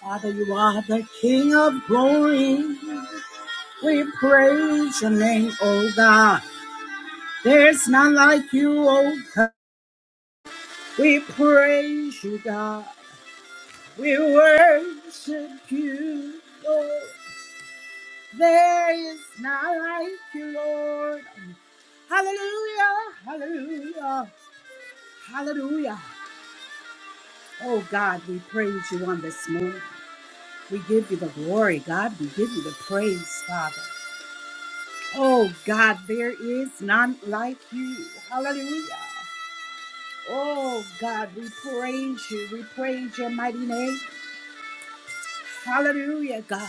Father, you are the King of glory. We praise your name, oh God. There's none like you, oh God. We praise you, God. We worship you, Lord. There is none like you, Lord. Hallelujah, hallelujah, hallelujah. Oh God, we praise you on this morning. We give you the glory, God. We give you the praise, Father. Oh God, there is none like you. Hallelujah. Oh God, we praise you. We praise your mighty name. Hallelujah, God.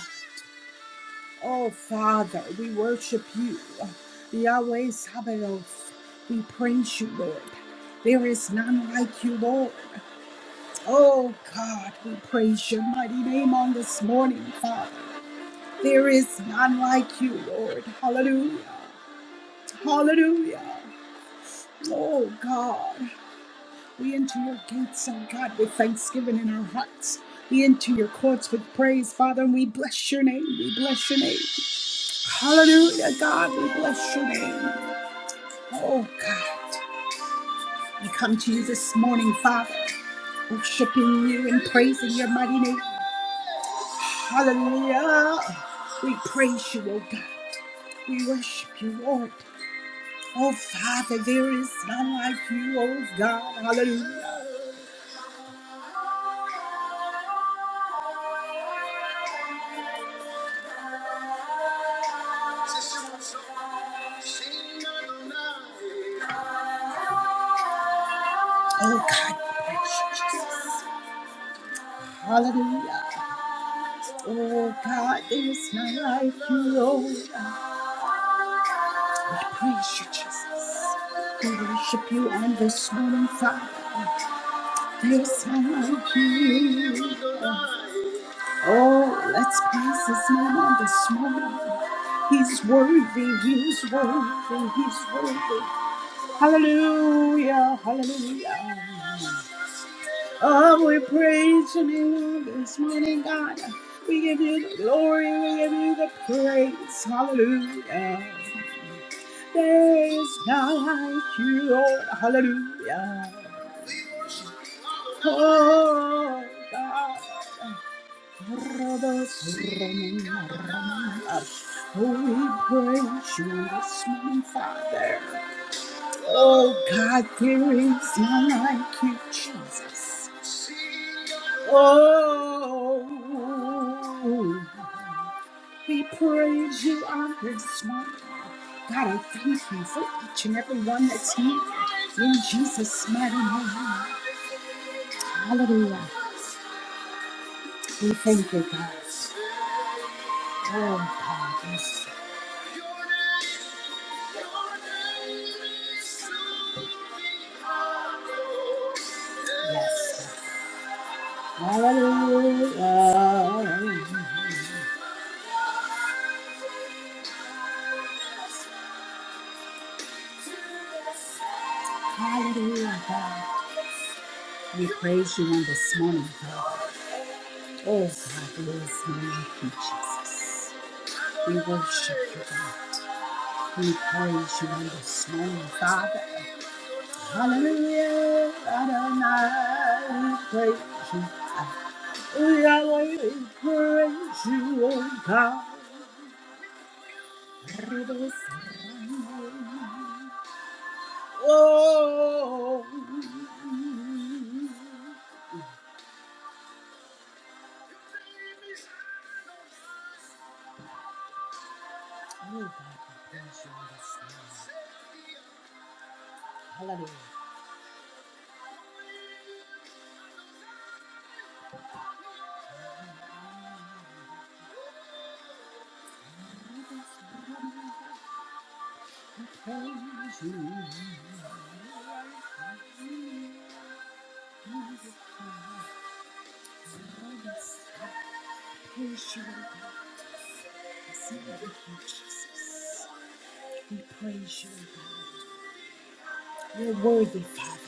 Oh Father, we worship you. Yahweh Sabaoth. We praise you, Lord. There is none like you, Lord. Oh God, we praise your mighty name on this morning, Father. There is none like you, Lord. Hallelujah. Hallelujah. Oh God. We enter your gates, O God, with thanksgiving in our hearts. We enter your courts with praise, Father, and we bless your name. We bless your name. Hallelujah, God, we bless your name. Oh, God, we come to you this morning, Father, worshiping you and praising your mighty name. Hallelujah. We praise you, O God. We worship you, Lord. Oh, Father, there is none like you, oh God. Hallelujah. Oh God, bless you, Jesus. hallelujah. Oh God, there is none like you, Lord. I praise you, Jesus. We worship you on this morning, Father. There is none like you. Oh, let's praise this name this morning. He's worthy, he's worthy, he's worthy. Hallelujah, hallelujah. Oh, we praise your name this morning, God. We give you the glory, we give you the praise. Hallelujah. There is none like you, Lord. Hallelujah. Oh, God. Oh, we praise you this morning, Father. Oh, God, there is none like you, Jesus. Oh, we praise you on this morning. God, I thank you for each and every one that's here in Jesus' mighty name. Hallelujah. We thank you, God. Oh, God. Yes. Yes. Hallelujah. Hallelujah, God. We praise you on this morning, God. Oh, God, we praise you, thank you, Jesus. We worship you, God. We praise you on this morning, Father. Hallelujah, Adonai. We praise you. Yahweh, we praise you, oh God. Oh, oh God, we praise you on this morning. Hallelujah. Praise you. Praise you. oh God. Jesus. We praise you, God. You're worthy, Father.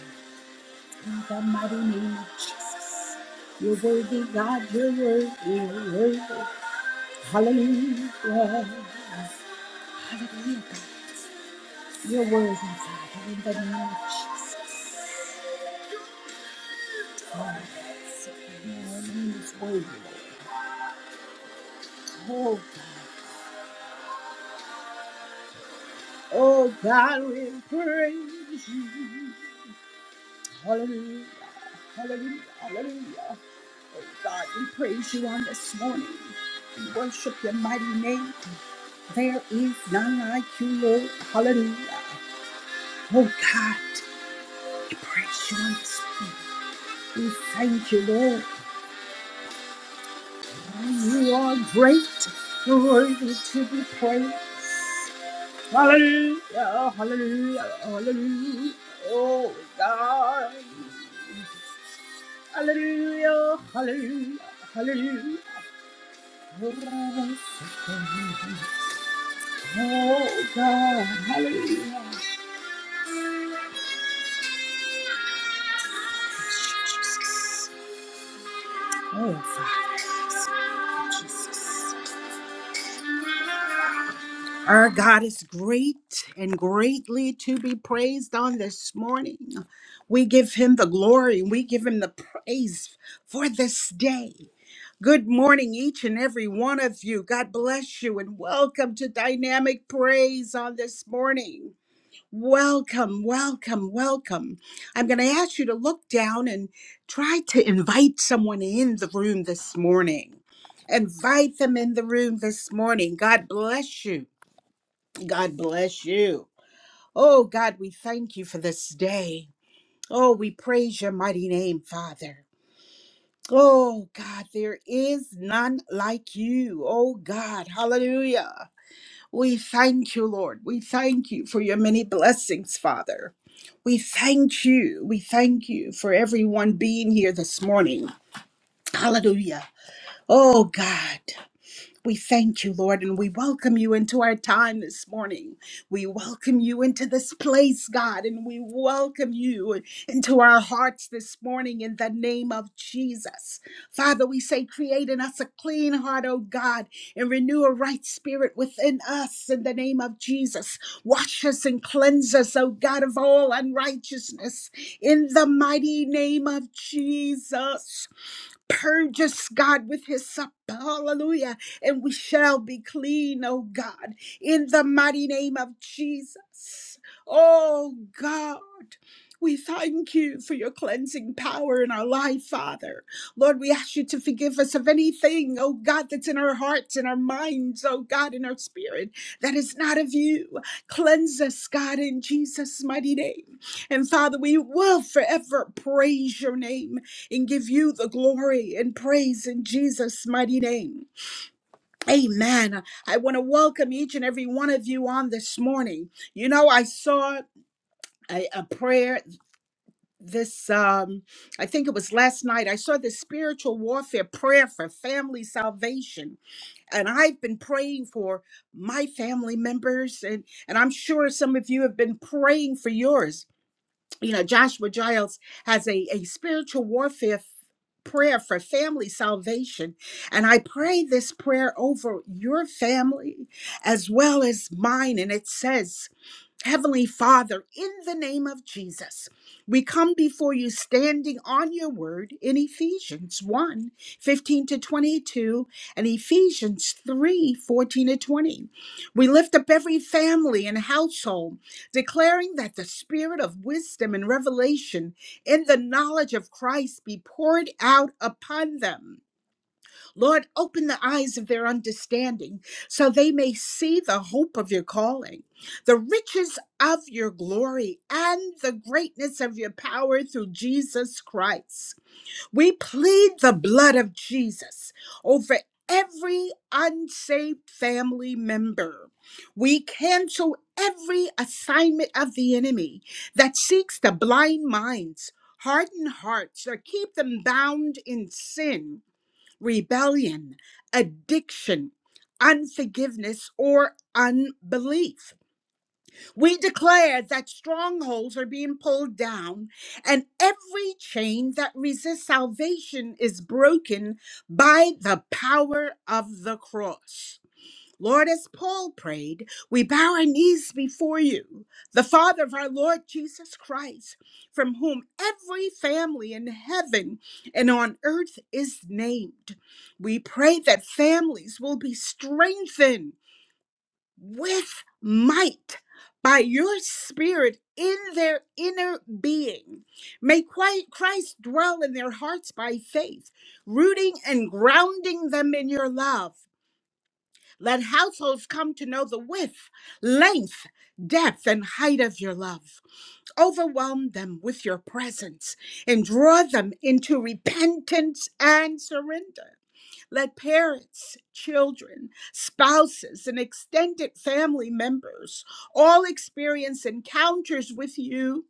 In the mighty name of Jesus. You're worthy, God. You're worthy. You're worthy. Hallelujah. Hallelujah, God. You're worthy, Father. In the name of Jesus. Oh, your name is worthy. Oh, God. Oh, God, we praise you. Hallelujah. Hallelujah. Hallelujah. God, we praise you on this morning. We worship your mighty name. There is none like you, Lord. Hallelujah. Oh God, we praise you on this morning. We thank you, Lord. You are great. You're worthy to be praised. Hallelujah, hallelujah, hallelujah. Oh God. Hallelujah, hallelujah, hallelujah. Oh God, hallelujah. Oh, Father. Our God is great and greatly to be praised on this morning. We give him the glory, we give him the praise for this day. Good morning, each and every one of you. God bless you and welcome to Dynamic Praise on this morning. Welcome, welcome, welcome. I'm going to ask you to look down and try to invite someone in the room this morning. Invite them in the room this morning. God bless you. God bless you. Oh, God, we thank you for this day. Oh, we praise your mighty name, Father. Oh, God, there is none like you. Oh, God, hallelujah. We thank you, Lord. We thank you for your many blessings, Father. We thank you. We thank you for everyone being here this morning. Hallelujah. Oh, God. We thank you, Lord, and we welcome you into our time this morning. We welcome you into this place, God, and we welcome you into our hearts this morning in the name of Jesus. Father, we say, create in us a clean heart, O God, and renew a right spirit within us in the name of Jesus. Wash us and cleanse us, O God, of all unrighteousness in the mighty name of Jesus. Purge us, God, with his supper. Hallelujah. And we shall be clean, oh God, in the mighty name of Jesus. Oh God. We thank you for your cleansing power in our life, Father. Lord, we ask you to forgive us of anything, oh God, that's in our hearts, in our minds, oh God, in our spirit that is not of you. Cleanse us, God, in Jesus' mighty name. And Father, we will forever praise your name and give you the glory and praise in Jesus' mighty name. Amen. I want to welcome each and every one of you on this morning. You know, I saw a, a prayer this um i think it was last night i saw the spiritual warfare prayer for family salvation and i've been praying for my family members and and i'm sure some of you have been praying for yours you know, Joshua Giles has a, a spiritual warfare f- prayer for family salvation. And I pray this prayer over your family as well as mine. And it says, Heavenly Father, in the name of Jesus, we come before you standing on your word in Ephesians 1 fifteen to 22 and Ephesians 3:14 to 20. We lift up every family and household, declaring that the spirit of wisdom and revelation in the knowledge of Christ be poured out upon them Lord, open the eyes of their understanding so they may see the hope of your calling, the riches of your glory, and the greatness of your power through Jesus Christ. We plead the blood of Jesus over every unsaved family member. We cancel every assignment of the enemy that seeks to blind minds, harden hearts, or keep them bound in sin rebellion, addiction, unforgiveness, or unbelief. We declare that strongholds are being pulled down and every chain that resists salvation is broken by the power of the cross. Lord, as Paul prayed, we bow our knees before you, the Father of our Lord Jesus Christ, from whom every family in heaven and on earth is named. We pray that families will be strengthened with might by your Spirit in their inner being. May Christ dwell in their hearts by faith, rooting and grounding them in your love. Let households come to know the width, length, depth, and height of your love. Overwhelm them with your presence and draw them into repentance and surrender. Let parents, children, spouses, and extended family members all experience encounters with you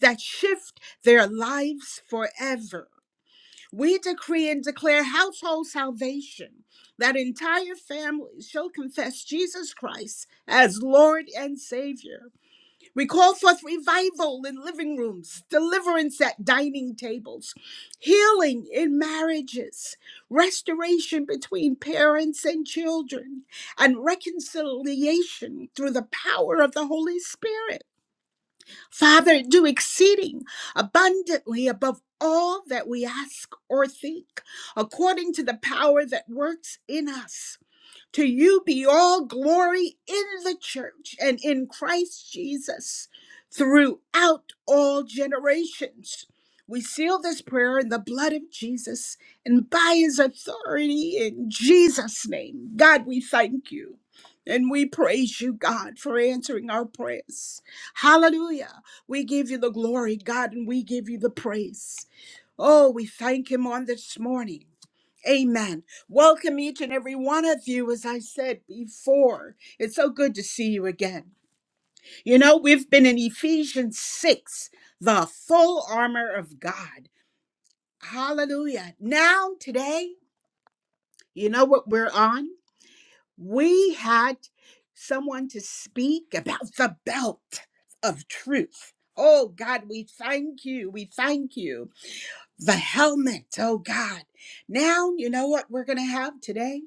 that shift their lives forever. We decree and declare household salvation that entire families shall confess Jesus Christ as Lord and Savior. We call forth revival in living rooms, deliverance at dining tables, healing in marriages, restoration between parents and children, and reconciliation through the power of the Holy Spirit. Father, do exceeding abundantly above all that we ask or think, according to the power that works in us. To you be all glory in the church and in Christ Jesus throughout all generations. We seal this prayer in the blood of Jesus and by his authority in Jesus' name. God, we thank you. And we praise you, God, for answering our prayers. Hallelujah. We give you the glory, God, and we give you the praise. Oh, we thank him on this morning. Amen. Welcome each and every one of you, as I said before. It's so good to see you again. You know, we've been in Ephesians 6, the full armor of God. Hallelujah. Now, today, you know what we're on? We had someone to speak about the belt of truth. Oh, God, we thank you. We thank you. the helmet. Oh God. Now, you know what we're going to have today?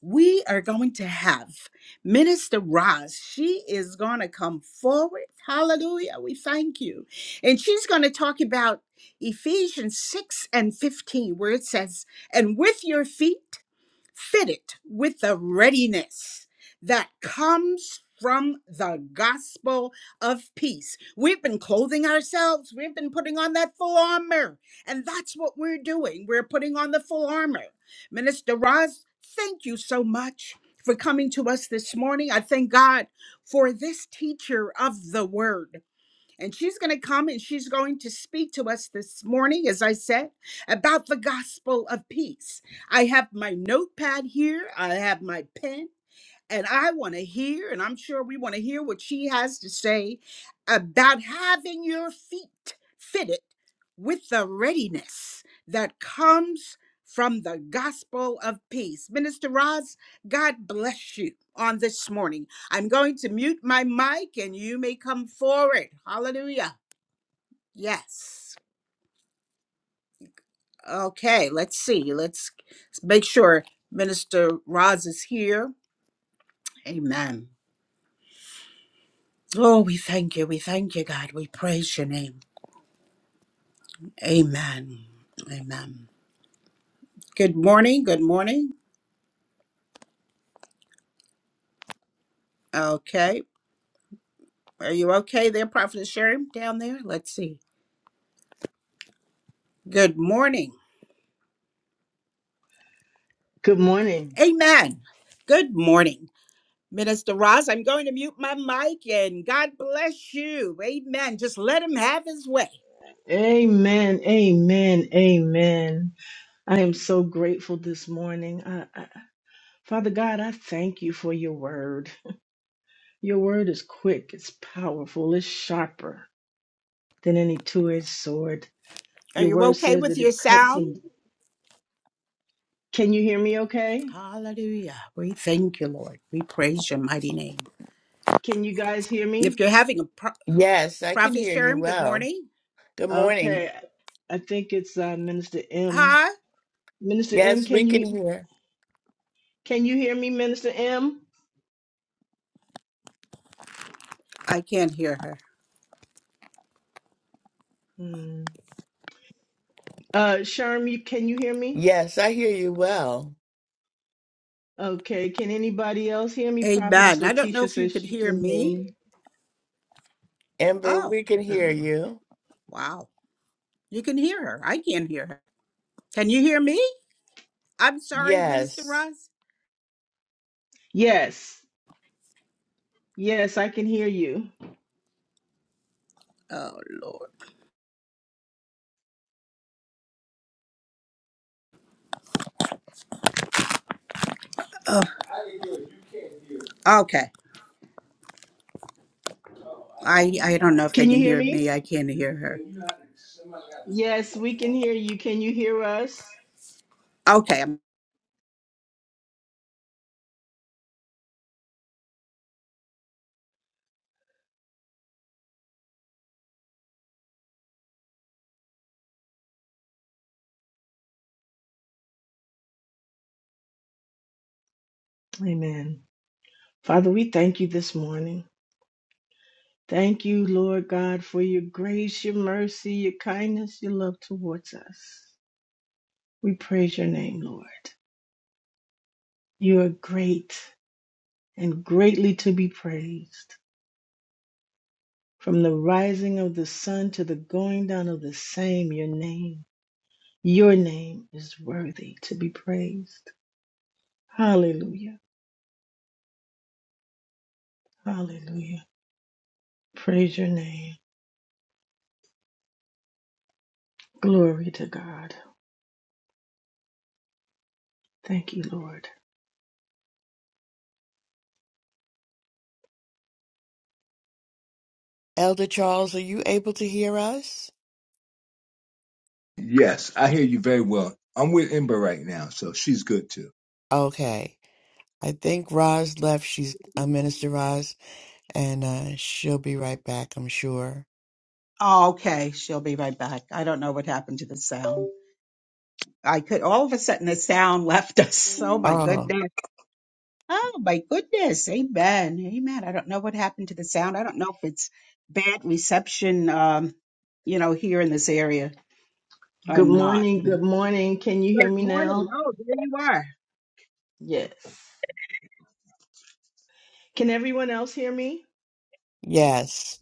We are going to have Minister Roz. She is going to come forward. Hallelujah. We thank you. And she's going to talk about Ephesians 6 and 15, where it says, And with your feet, fitted with the readiness that comes from the gospel of peace. We've been clothing ourselves, we've been putting on that full armor, and that's what we're doing. We're putting on the full armor. Minister Roz, thank you so much for coming to us this morning. I thank God for this teacher of the word. And she's going to come and she's going to speak to us this morning, as I said, about the gospel of peace. I have my notepad here, I have my pen, and I want to hear, and I'm sure we want to hear what she has to say about having your feet fitted with the readiness that comes from the gospel of peace. Minister Roz, God bless you on this morning. I'm going to mute my mic and you may come forward. Hallelujah. Yes. Okay, let's see. Let's make sure Minister Roz is here. Amen. Oh, we thank you. We thank you, God. We praise your name. Amen. Amen. Good morning. Good morning. Okay. Are you okay there, Prophet Sherry, down there? Let's see. Good morning. Good morning. Amen. Good morning. Minister Ross, I'm going to mute my mic and God bless you. Amen. Just let him have his way. Amen. Amen. Amen. I am so grateful this morning. I, I, Father God, I thank you for your word. Your word is quick, it's powerful, it's sharper than any two edged sword. Are Your you word okay says with that your it cuts sound? and. Can you hear me okay? Hallelujah. We thank you, Lord. We praise your mighty name. Can you guys hear If me? you're having a pro- Yes, I can Prophet hear you Sherm, good well. morning. Good morning. Okay. I think it's uh, Minister M. Hi. Minister M, Yes, we can can you hear. can you hear me, Minister M? I can't hear her. Hmm. Uh, Sharm, you, can you hear me? Yes, I hear you well. Okay, can anybody else hear me? Prophetess Amen. I don't know Letitia if you says could she hear can hear me. me. Ember, Oh, we can hear Um, you. wow. You can hear her. I can't hear her. Can you hear me? I'm sorry, Minister Yes. Ross. yes, yes, I can hear you. Oh, Lord. Oh, okay. I, I don't know if they Can you can hear hear me? me. I can't hear her. Yes, we can hear you. Can you hear us? Okay. I'm- Amen. Father, we thank you this morning. Thank you, Lord God, for your grace, your mercy, your kindness, your love towards us. We praise your name, Lord. You are great and greatly to be praised. From the rising of the sun to the going down of the same, your name Your name is worthy to be praised. Hallelujah. Hallelujah. Praise your name. Glory to God. Thank you, Lord. Elder Charles, are you able to hear us? Yes, I hear you very well. I'm with Ember right now, so she's good too. Okay. I think Roz left. She's uh, Minister Roz, and uh, she'll be right back, I'm sure. Oh, okay, she'll be right back. I don't know what happened to the sound. I could all of a sudden the sound left us. Oh my Oh, goodness. Oh my goodness. Amen. Amen. I don't know what happened to the sound. I don't know if it's bad reception um, you know, here in this area or Good not. morning. Good Good morning. Can you hear me morning. now? Oh, there you are. Yes. Can everyone else hear me? yes.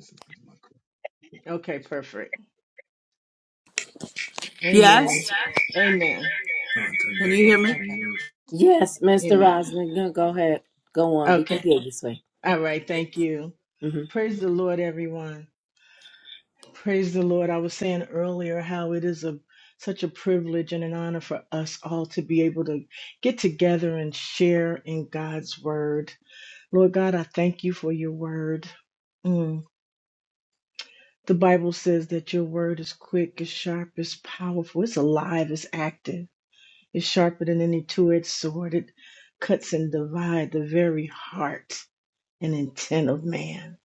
Okay, perfect. Yes? Amen. Amen. Can you hear Okay. me? Yes, Mr. Amen. Roslyn, go go ahead. Go on. We can Okay. hear you, sweetie. All right. Thank you. hmm Praise the Lord, everyone. Praise the Lord. I was saying earlier how it is a such a privilege and an honor for us all to be able to get together and share in God's word. Lord God, I thank you for your word. Mm. The Bible says that your word is quick, is sharp, is powerful, it's alive, it's active, it's sharper than any two-edged sword. It cuts and divides the very heart and intent of man.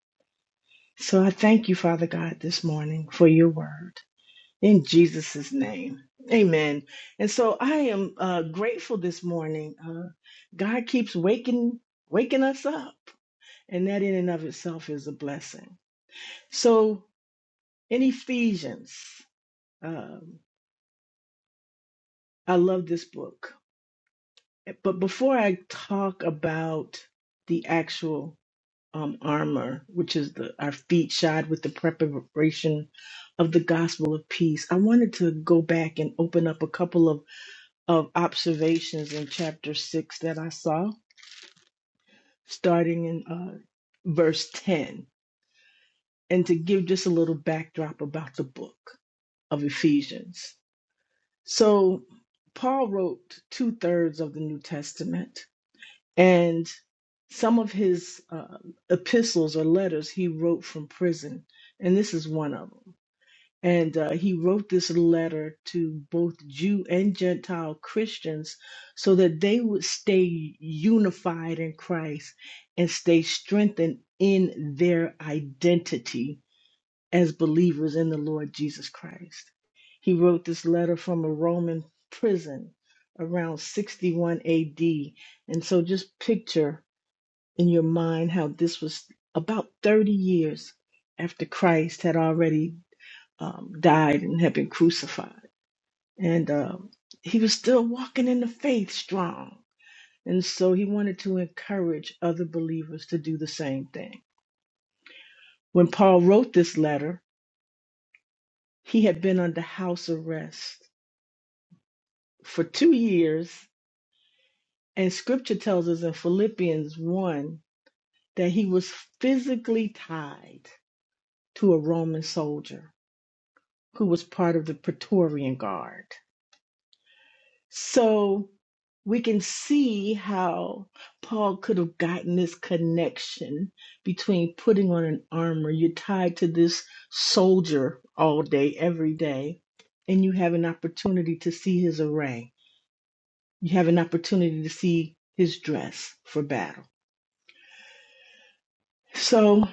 So I thank you, Father God, this morning for your word. In Jesus' name. Amen. And so I am uh, grateful this morning. Uh, God keeps waking waking us up. And that in and of itself is a blessing. So in Ephesians, um, I love this book. But before I talk about the actual um, armor, which is the our feet shod with the preparation of the gospel of peace, I wanted to go back and open up a couple of of observations in chapter 6 that I saw, starting in uh, verse 10, and to give just a little backdrop about the book of Ephesians. So, Paul wrote two thirds of the New Testament, and some of his uh, epistles or letters he wrote from prison, and this is one of them. And uh, he wrote this letter to both Jew and Gentile Christians so that they would stay unified in Christ and stay strengthened in their identity as believers in the Lord Jesus Christ. He wrote this letter from a Roman prison around 61 AD. And so just picture in your mind how this was about 30 years after Christ had already um, died and had been crucified. And um, he was still walking in the faith strong. And so he wanted to encourage other believers to do the same thing. When Paul wrote this letter, he had been under house arrest for two years. And scripture tells us in Philippians 1 that he was physically tied to a Roman soldier who was part of the Praetorian Guard. So we can see how Paul could have gotten this connection between putting on an armor. You're tied to this soldier all day, every day, and you have an opportunity to see his array. You have an opportunity to see his dress for battle. So,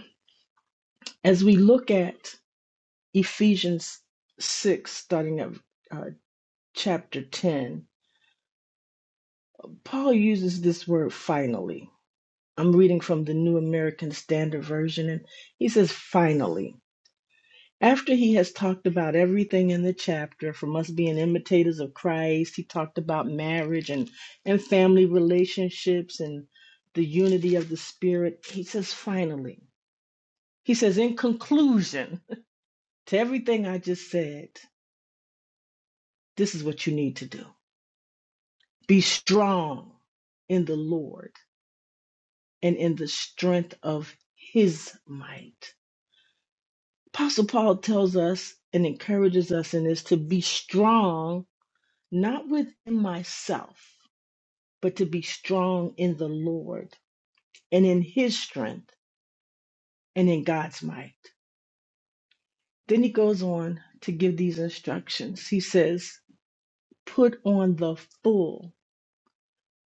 as we look at Ephesians 6, starting at uh, chapter 10, Paul uses this word finally I'm reading from the New American Standard Version, and he says, finally, after he has talked about everything in the chapter, from us being imitators of Christ, he talked about marriage and, and family relationships and the unity of the Spirit. He says, finally, he says, in conclusion to everything I just said, this is what you need to do be strong in the Lord and in the strength of his might. Apostle Paul tells us and encourages us in this to be strong, not within myself, but to be strong in the Lord and in his strength and in God's might. Then he goes on to give these instructions. He says, put on the full,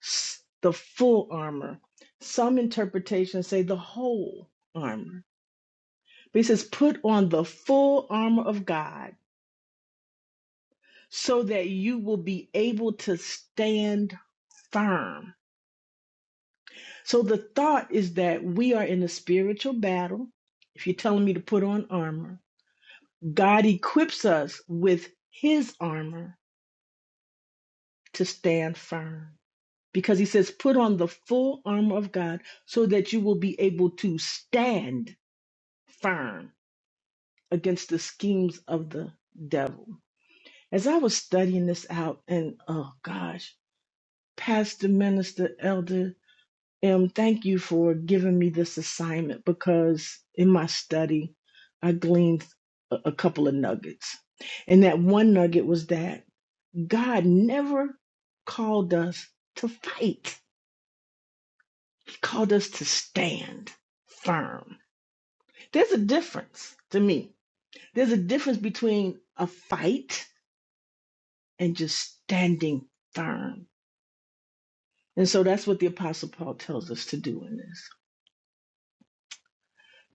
s- the full armor. Some interpretations say the whole armor. But he says, put on the full armor of God so that you will be able to stand firm. So the thought is that we are in a spiritual battle. If you're telling me to put on armor, God equips us with his armor to stand firm. Because he says, put on the full armor of God so that you will be able to stand firm against the schemes of the devil. As I was studying this out, and oh gosh, Pastor, Minister, Elder, Em, thank you for giving me this assignment because in my study, I gleaned a, a couple of nuggets. And that one nugget was that God never called us to fight, He called us to stand firm. There's a difference to me. There's a difference between a fight and just standing firm. And so that's what the Apostle Paul tells us to do in this.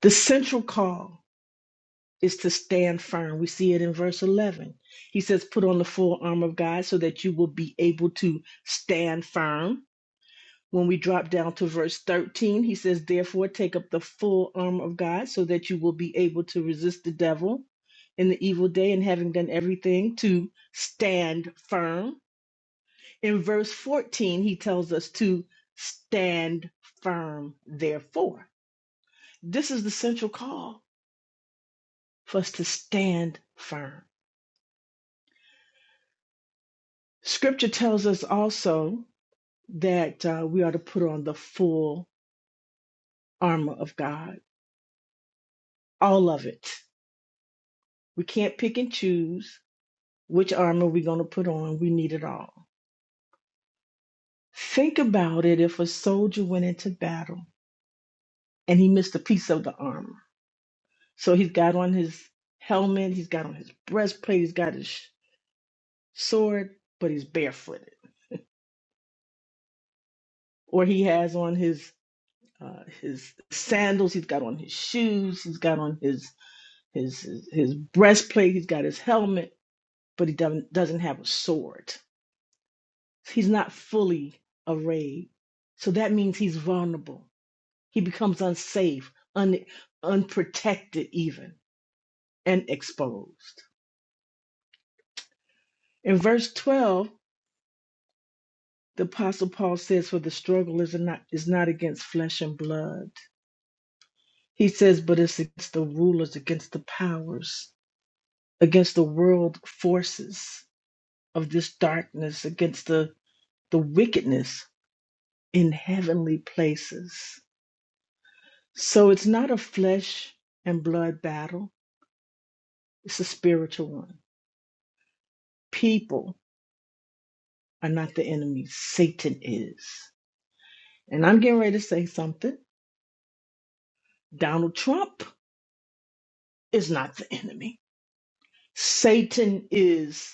The central call is to stand firm. We see it in verse 11. He says, Put on the full armor of God so that you will be able to stand firm. When we drop down to verse 13, he says, Therefore, take up the full armor of God so that you will be able to resist the devil in the evil day and having done everything to stand firm. In verse 14, he tells us to stand firm, therefore. This is the central call for us to stand firm Scripture tells us also that uh, we are to put on the full armor of God, all of it. We can't pick and choose which armor we're going to put on. We need it all. Think about it if a soldier went into battle and he missed a piece of the armor. So he's got on his helmet, he's got on his breastplate, he's got his sword, but he's barefooted. Or he has on his uh, his sandals, he's got on his shoes, he's got on his his his breastplate, he's got his helmet, but he doesn't doesn't have a sword. He's not fully arrayed. So that means he's vulnerable. He becomes unsafe, un, unprotected even, and exposed. In verse 12, the apostle Paul says, For the struggle is not is not against flesh and blood. He says, but it's against the rulers, against the powers, against the world forces of this darkness, against the, the wickedness in heavenly places. So it's not a flesh and blood battle, it's a spiritual one. People are not the enemy, Satan is. And I'm getting ready to say something. Donald Trump is not the enemy, Satan is.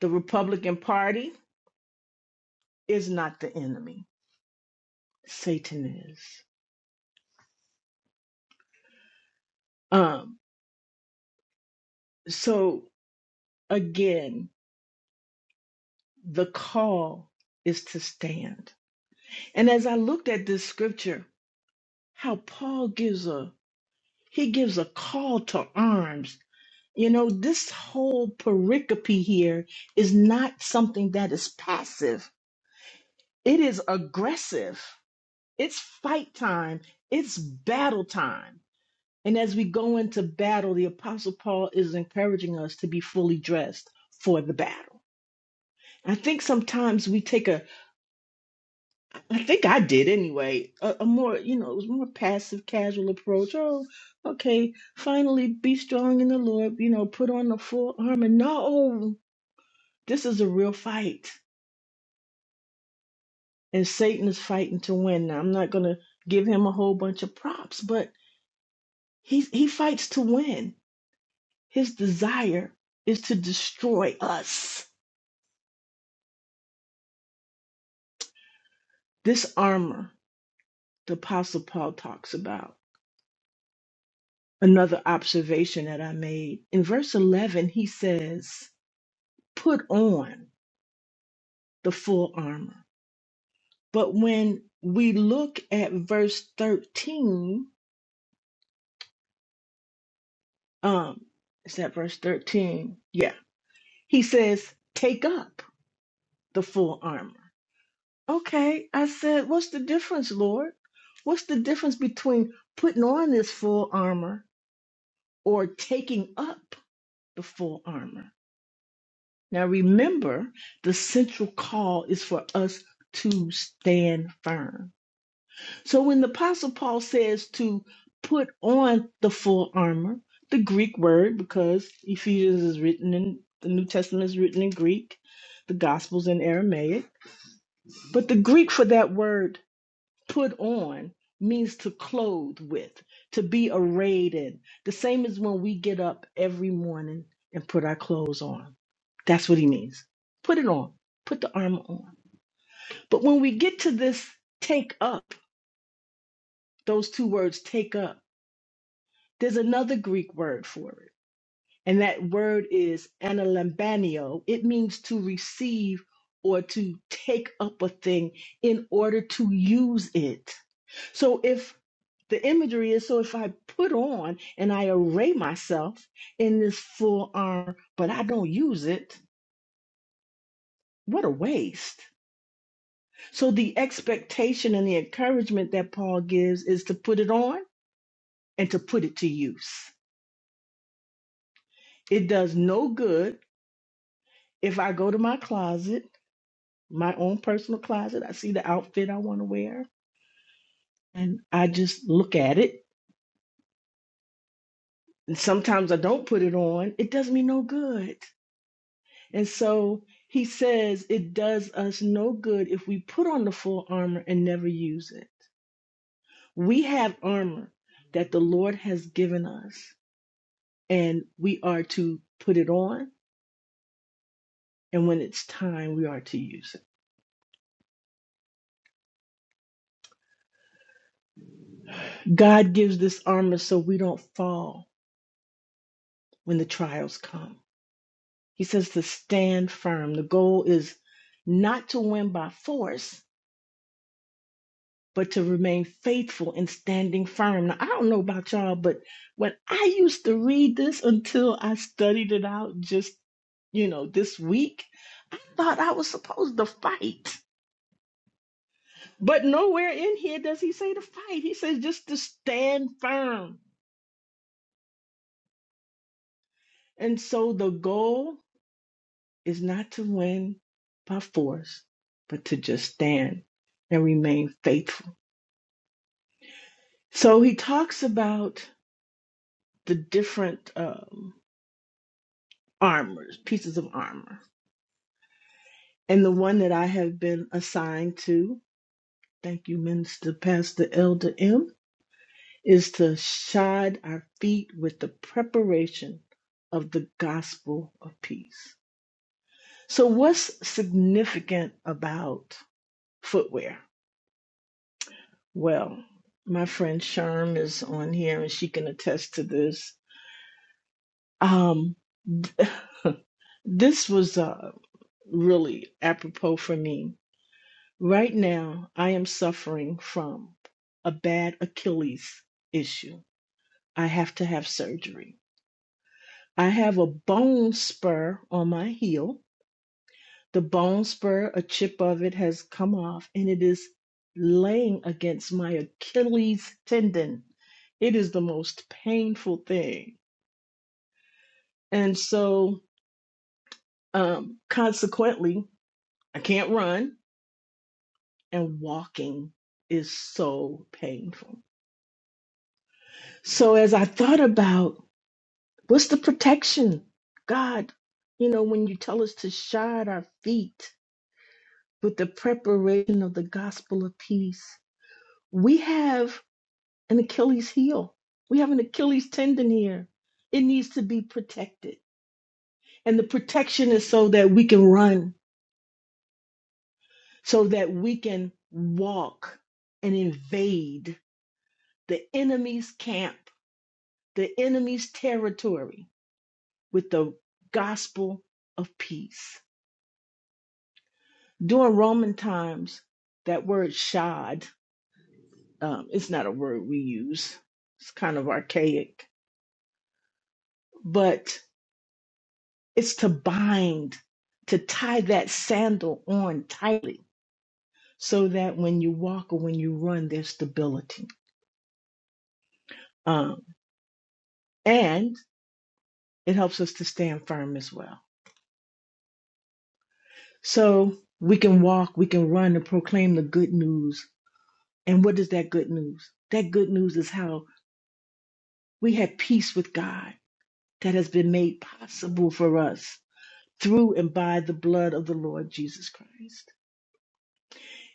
The Republican Party is not the enemy, Satan is. Um, so again, the call is to stand. And as I looked at this scripture, how Paul gives a he gives a call to arms. You know, this whole pericope here is not something that is passive. It is aggressive. It's fight time. It's battle time. And as we go into battle, the apostle Paul is encouraging us to be fully dressed for the battle. I think sometimes we take a I think I did anyway. A, a more, you know, it was more passive, casual approach. Oh, okay, finally be strong in the Lord, you know, put on the full armor. No, this is a real fight. And Satan is fighting to win. Now, I'm not going to give him a whole bunch of props, but he, he fights to win. His desire is to destroy us. This armor the Apostle Paul talks about. Another observation that I made. In verse 11, he says, put on the full armor. But when we look at verse 13, um, is that verse 13? Yeah. He says, take up the full armor. Okay. I said, what's the difference, Lord? What's the difference between putting on this full armor or taking up the full armor? Now remember, the central call is for us to stand firm So when the Apostle Paul says to put on the full armor, the Greek word, because Ephesians is written in the New Testament is written in Greek, the Gospels in Aramaic, but the Greek for that word put on means to clothe with, to be arrayed in. The same as when we get up every morning and put our clothes on. That's what he means. Put it on. Put the armor on. But when we get to this take up, those two words take up. There's another Greek word for it, and that word is analambanio. It means to receive or to take up a thing in order to use it. So if the imagery is so if I put on and I array myself in this full armor, but I don't use it, what a waste. So the expectation and the encouragement that Paul gives is to put it on and to put it to use. It does no good If I go to my closet, my own personal closet, I see the outfit I want to wear and I just look at it. And sometimes I don't put it on. It does me no good. And so he says it does us no good if we put on the full armor and never use it. We have armor that the Lord has given us and we are to put it on. And when it's time, we are to use it. God gives this armor so we don't fall when the trials come. He says to stand firm. The goal is not to win by force, but to remain faithful and standing firm. Now, I don't know about y'all, but when I used to read this until I studied it out just, you know, this week, I thought I was supposed to fight. But nowhere in here does he say to fight. He says just to stand firm. And so the goal is not to win by force, but to just stand and remain faithful So he talks about the different um, armors, pieces of armor. And the one that I have been assigned to, thank you, Minister Pastor Elder M, is to shod our feet with the preparation of the gospel of peace. So, what's significant about footwear? Well, my friend Sherm is on here and she can attest to this. Um, this was uh, really apropos for me. Right now, I am suffering from a bad Achilles issue. I have to have surgery. I have a bone spur on my heel. The bone spur, a chip of it has come off and it is laying against my Achilles tendon. It is the most painful thing. And so, um, consequently, I can't run, and walking is so painful. So as I thought about what's the protection, God, you know, when you tell us to shod our feet with the preparation of the gospel of peace, we have an Achilles heel. We have an Achilles tendon here. It needs to be protected. And the protection is so that we can run, so that we can walk and invade the enemy's camp, the enemy's territory with the gospel of peace. During Roman times, that word shod, um, it's not a word we use, it's kind of archaic, but it's to bind, to tie that sandal on tightly so that when you walk or when you run, there's stability. Um, and it helps us to stand firm as well. So we can walk, we can run and proclaim the good news. And what is that good news? That good news is how we have peace with God that has been made possible for us through and by the blood of the Lord Jesus Christ.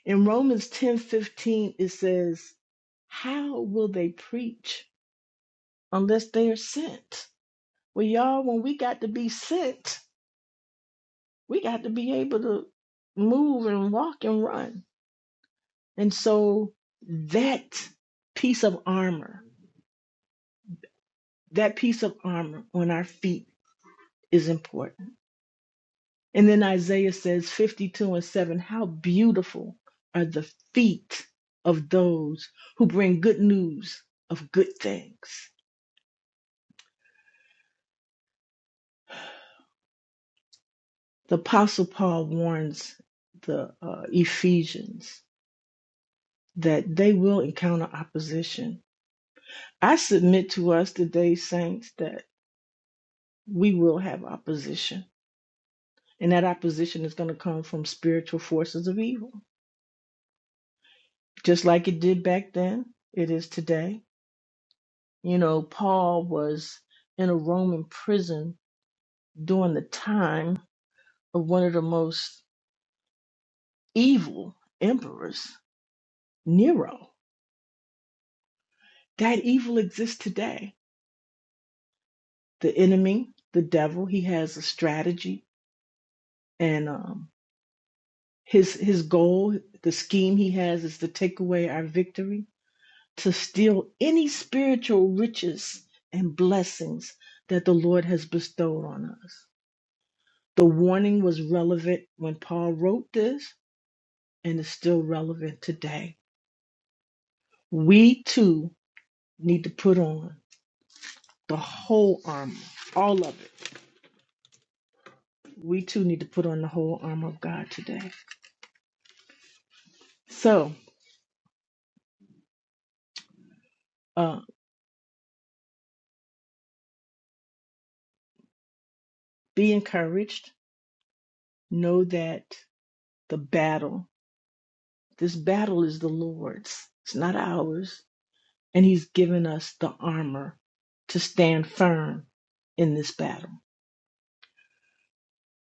In Romans 10 15, it says, How will they preach unless they are sent? Well, y'all, when we got to be sent, we got to be able to move and walk and run. And so that piece of armor, that piece of armor on our feet is important And then Isaiah says 52 and 7 How beautiful are the feet of those who bring good news of good things. The Apostle Paul warns the uh, Ephesians that they will encounter opposition. I submit to us today, saints, that we will have opposition. And that opposition is going to come from spiritual forces of evil, just like it did back then, it is today You know, Paul was in a Roman prison during the time of one of the most evil emperors, Nero. That evil exists today. The enemy, the devil, he has a strategy, and um, his his goal, the scheme he has, is to take away our victory, to steal any spiritual riches and blessings that the Lord has bestowed on us. The warning was relevant when Paul wrote this and is still relevant today. We too need to put on the whole armor, all of it. We too need to put on the whole armor of God today. So uh, be encouraged. Know that the battle, this battle is the Lord's, it's not ours. And He's given us the armor to stand firm in this battle.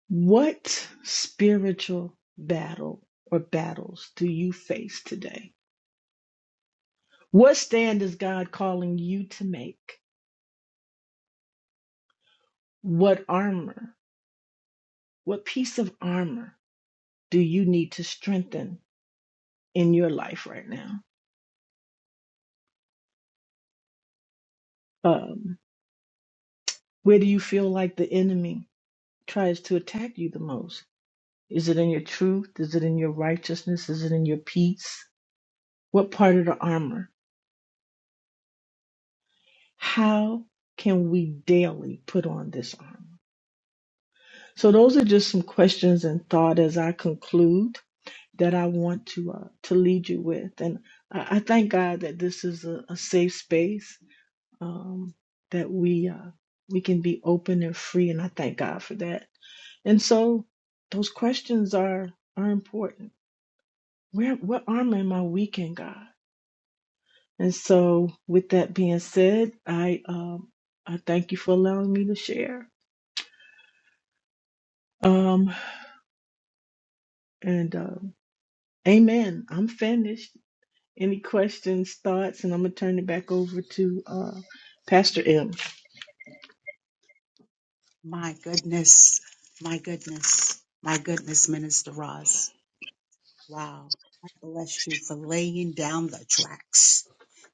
What spiritual battle or battles do you face today? What stand is God calling you to make? What armor, what piece of armor do you need to strengthen in your life right now? Um, where do you feel like the enemy tries to attack you the most? Is it in your truth? Is it in your righteousness? Is it in your peace? What part of the armor? How can we daily put on this armor? So, those are just some questions and thought as I conclude. that I want to uh, to lead you with. And I, I thank God that this is a, a safe space um, that we uh, we can be open and free, and I thank God for that. And so those questions are are important. Where what arm am I weak in, God? And so with that being said, I um, I thank you for allowing me to share. Um, and uh, Amen. I'm finished. Any questions, thoughts, and I'm gonna turn it back over to uh, Pastor M. My goodness. My goodness. My goodness, Minister Roz. Wow. I bless you for laying down the tracks.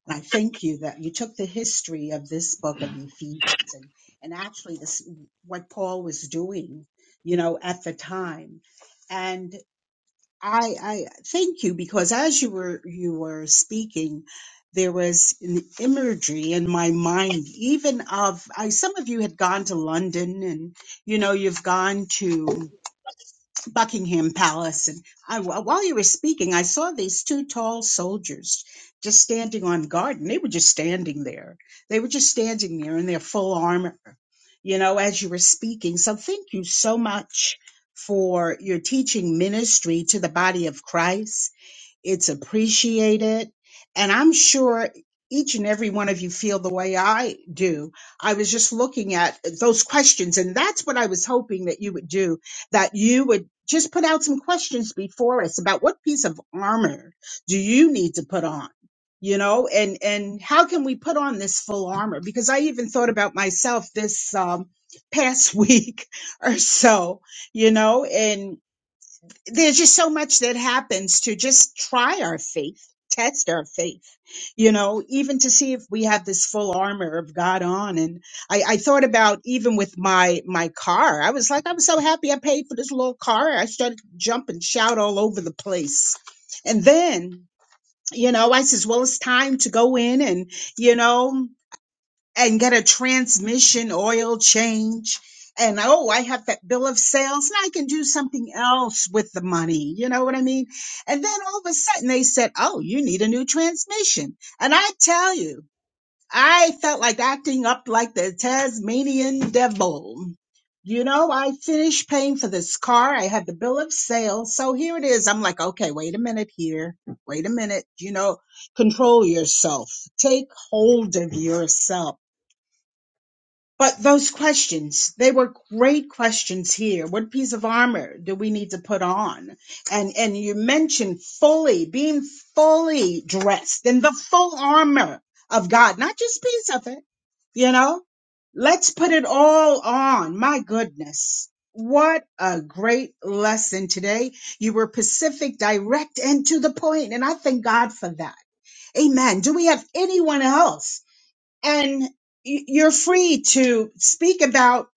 And I thank you that you took the history of this book of Ephesians and, and actually this, what Paul was doing, you know, at the time. And I, I thank you because as you were, you were speaking, there was an imagery in my mind, even of, I, some of you had gone to London and, you know, you've gone to Buckingham Palace. And I, while you were speaking, I saw these two tall soldiers just standing on guard, and they were just standing there. They were just standing there in their full armor, you know, as you were speaking. So thank you so much for your teaching ministry to the body of Christ it's appreciated. And I'm sure each and every one of you feel the way I do. I was just looking at those questions, and that's what I was hoping that you would do, that you would just put out some questions before us about what piece of armor do you need to put on? You know, and and how can we put on this full armor? Because I even thought about myself this um, past week or so, you know, and there's just so much that happens to just try our faith, test our faith, you know, even to see if we have this full armor of God on. And I, I thought about even with my my car, I was like, I was so happy I paid for this little car. I started to jump and shout all over the place, and then. You know, I says, well, it's time to go in and, you know, and get a transmission oil change. And oh, I have that bill of sales and I can do something else with the money. You know what I mean? And then all of a sudden they said, Oh, you need a new transmission. And I tell you, I felt like acting up like the Tasmanian devil. You know, I finished paying for this car. I had the bill of sale. So here it is. I'm like, okay, wait a minute here. Wait a minute. You know, control yourself. Take hold of yourself but those questions, they were great questions here. What piece of armor do we need to put on? And and you mentioned fully being fully dressed in the full armor of God, not just piece of it, you know? Let's put it all on. My goodness. What a great lesson today. You were Pacific, direct, and to the point, And I thank God for that. Amen. Do we have anyone else? and y- you're free to speak about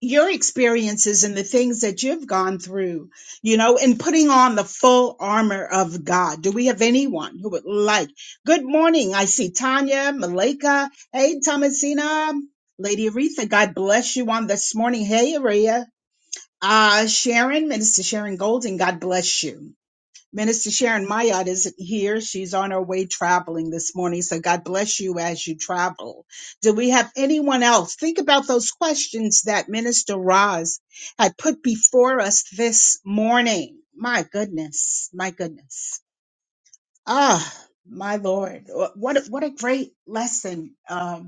your experiences and the things that you've gone through, you know, and putting on the full armor of God. Do we have anyone who would like? Good morning. I see Tanya, Malika. Hey, Thomasina, Lady Aretha. God bless you on this morning. Hey, Aria. Uh, Sharon, Minister Sharon Golden. God bless you. Minister Sharon Mayat isn't here. She's on her way traveling this morning. So God bless you as you travel. Do we have anyone else? Think about those questions that Minister Roz had put before us this morning. My goodness. My goodness. Ah, my Lord. What, what a great lesson. Um.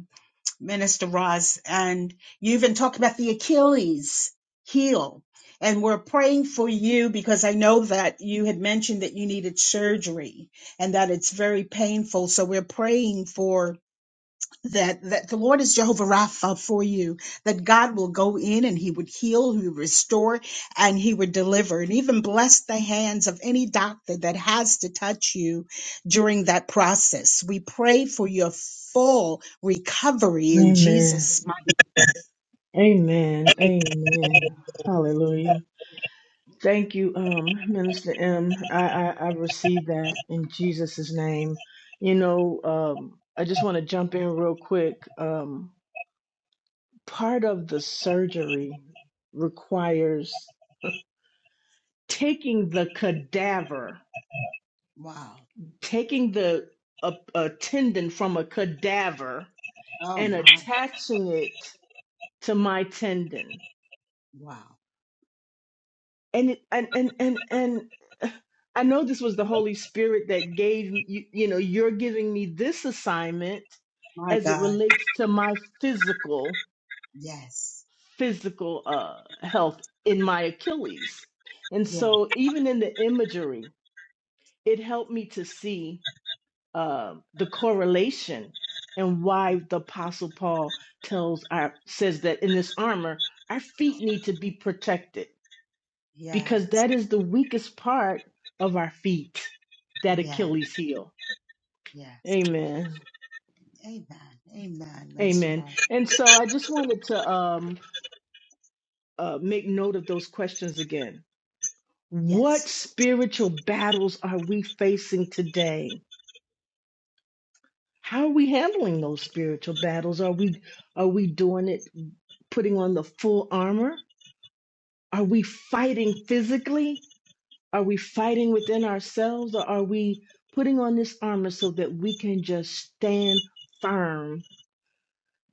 Minister Ross, and you even talked about the Achilles heel. And we're praying for you because I know that you had mentioned that you needed surgery and that it's very painful. So we're praying for that that the Lord is Jehovah Rapha for you, that God will go in and he would heal, he would restore, and he would deliver, and even bless the hands of any doctor that has to touch you during that process. We pray for your full recovery in Amen. Jesus' mighty. Amen. Amen. Hallelujah. Thank you, um, Minister M. I, I, I receive that in Jesus' name. You know, um, I just want to jump in real quick. Um, part of the surgery requires taking the cadaver, Wow. taking the a, a tendon from a cadaver Oh and my attaching it to my tendon. wow. And it, and and and and I know this was the Holy Spirit that gave you you know you're giving me this assignment My as it God. relates to my physical Yes. physical uh, health in my Achilles. And Yeah. so even in the imagery, it helped me to see. um, the correlation and why the apostle paul tells our says that in this armor our feet need to be protected because Yes. that is the weakest part of our feet that Yes. achilles heel Yes. amen Amen. Amen. Minister amen Rob. and so i just wanted to um, uh, make note of those questions again what Yes. spiritual battles are we facing today How are we handling those spiritual battles? Are we are we doing it putting on the full armor? Are we fighting physically? Are we fighting within ourselves or are we putting on this armor so that we can just stand firm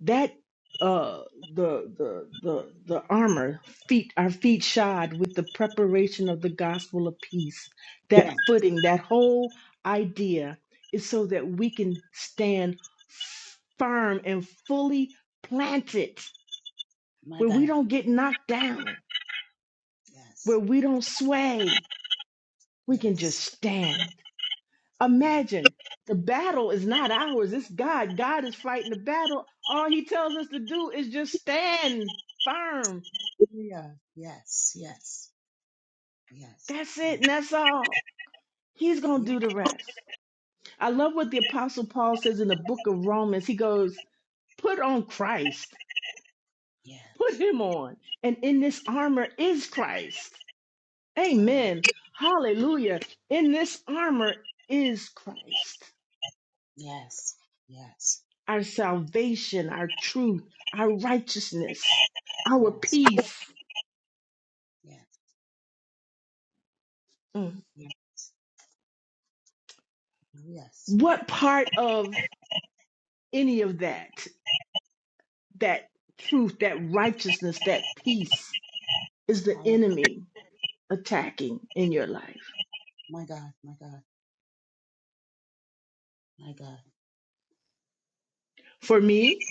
that uh the the the the armor feet our feet shod with the preparation of the gospel of peace that Yeah. footing that whole idea is so that we can stand firm and fully planted My where we God. don't get knocked down where Yes. we don't sway we can Yes. just stand Yeah. imagine the battle is not ours it's god god is fighting the battle all he tells us to do is just stand firm Yeah. Yes. Yes. Yes. That's Yeah. it, and that's all. He's going Yeah. to do the rest. I love what the Apostle Paul says in the book of Romans. He goes, Put on Christ, put Yes. him on. And in this armor is Christ. Hallelujah. Amen. Hallelujah. In this armor is Christ, Yes. Yes. our salvation, our truth, our righteousness, our Yes. peace. Yes. Mm. Yeah. Yes. What part of any of that, that truth, that righteousness, that peace, is the Hallelujah. enemy? attacking in your life. My God. My God. My God. For me,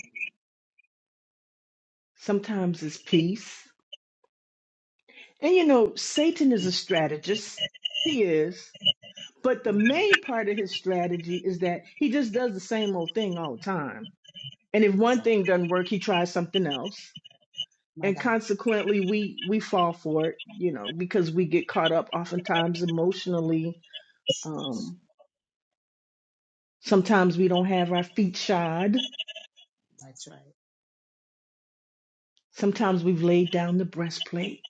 sometimes it's peace. And you know, Satan is a strategist. He is. But the My God. main part of his strategy is that he just does the same old thing all the time. And if one thing Exactly. doesn't work, he tries something else. My And God. consequently, we we fall for it, you know, because we get caught up oftentimes emotionally. Sheesh. Um, sometimes we don't have our feet shod. That's right. Sometimes we've laid down the breastplate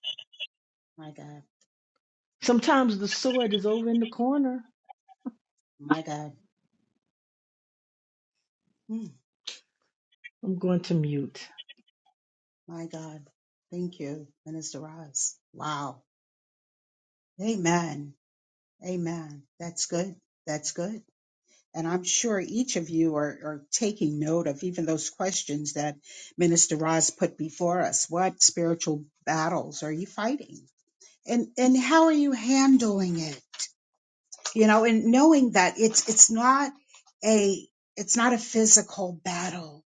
My God. Sometimes the sword is over in the corner. My God. Mm, I'm going to mute. my God. Thank you, Minister Ross. Wow. Amen. Amen. That's good. That's good. And I'm sure each of you are, are taking note of even those questions that Minister Roz put before us. What spiritual battles are you fighting? And and how are you handling it? You know, and knowing that it's it's not a it's not a physical battle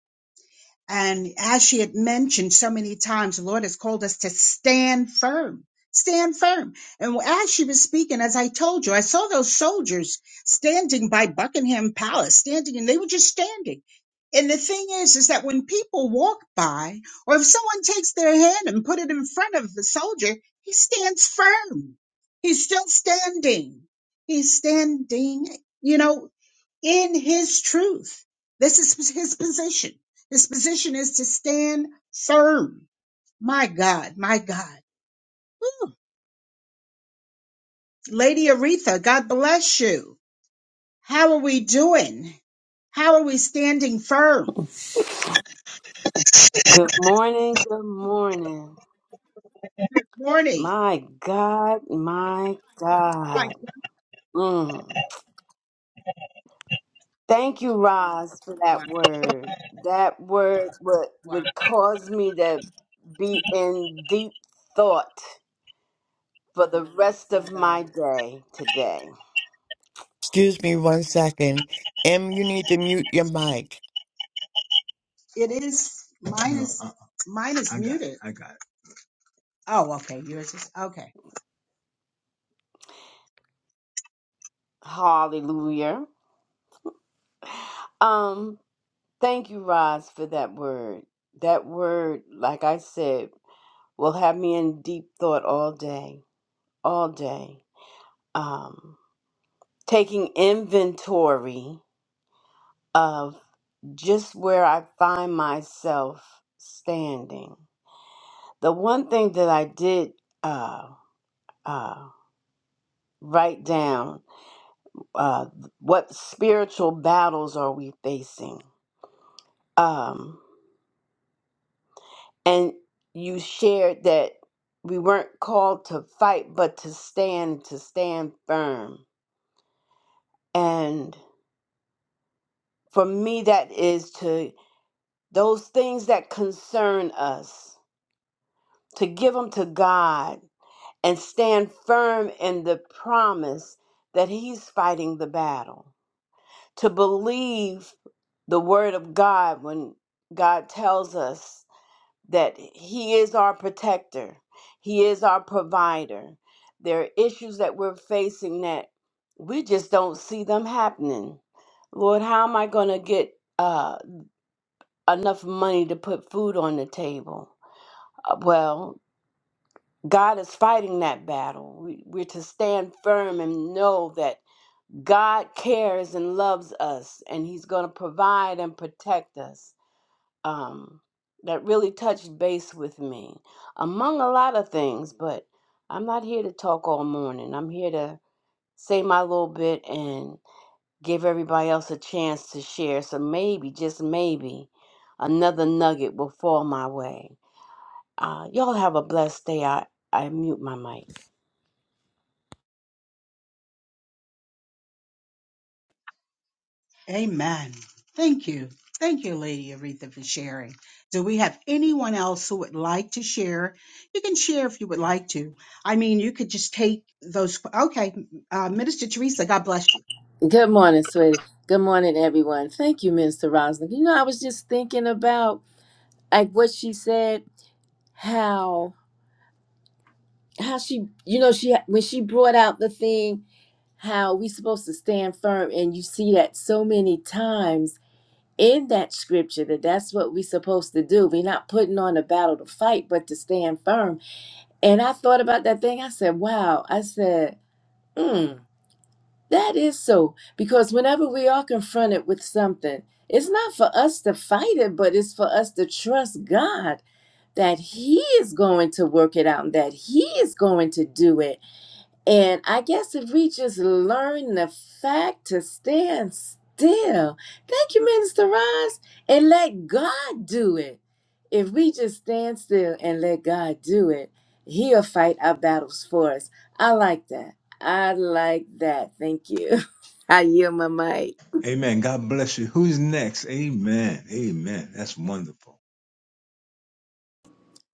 and as she had mentioned so many times, the Lord has called us to stand firm, stand firm. And as she was speaking, as I told you, I saw those soldiers standing by Buckingham Palace, standing, and they were just standing. And the thing is, is that when people walk by, or if someone takes their hand and put it in front of the soldier, he stands firm. He's still standing. He's standing. You know, in his truth. This is his position. His position is to stand firm. My God, my God. Woo. Lady Aretha, God bless you. How are we doing? How are we standing firm? Good morning, good morning. Morning. My God, my Like, God. Mm. Thank you, Roz, for wow, that word. That word would, wow, would cause me to be in deep thought for the rest my of God. my day today. Excuse me one Wow. second. Em, you need to mute your mic. It is, mine is, No, is, mine is I got it. muted. I got it. Oh, okay. Yours is, okay. Hallelujah. Um, thank you, Roz, for that word. That word, like I said, will have me in deep thought all day, all day. Um, taking inventory of just where I find myself standing. The one thing that I did uh, uh, write down uh, what spiritual battles are we facing? Um, and you shared that we weren't called to fight, but to stand, to stand firm. And for me, that is to those things that concern us to give them to God and stand firm in the promise that He's fighting the battle, to believe the Word of God when God tells us that He is our protector, He is our provider. There are issues that we're facing that we just don't see them happening. Lord, how am I going to get uh, enough money to put food on the table? Uh, well, God is fighting that battle. We, we're to stand firm and know that God cares and loves us, and He's going to provide and protect us. Um, that really touched base with me, among a lot of things, but I'm not here to talk all morning. I'm here to say my little bit and give everybody else a chance to share. So maybe, just maybe, another nugget will fall my way. Uh, y'all have a blessed day. I, I mute my mic. Amen. Thank you. Thank you, Lady Aretha, for sharing. Do we have anyone else who would like to share? You can share if you would like to. I mean, you could just take those. Okay, uh, Minister Teresa, God bless you. Good morning, sweetie. Good morning, everyone. Thank you, Mr. Roslyn. You know, I was just thinking about like what she said, how how she, you know, she when she brought out the thing how we supposed to stand firm and you see that so many times in that scripture that that's what we supposed to do we're not putting on a battle to fight but to stand firm and i thought about that thing i said wow i said mm. That is so, because whenever we are confronted with something, it's not for us to fight it, but it's for us to trust God that He is going to work it out and that He is going to do it. And I guess if we just learn the fact to stand still, thank you, Minister Ross, and let God do it. If we just stand still and let God do it, He'll fight our battles for us. I like that. I like that. Thank you. I yield my mic. Amen. God bless you. Who's next? Amen. Amen. That's wonderful.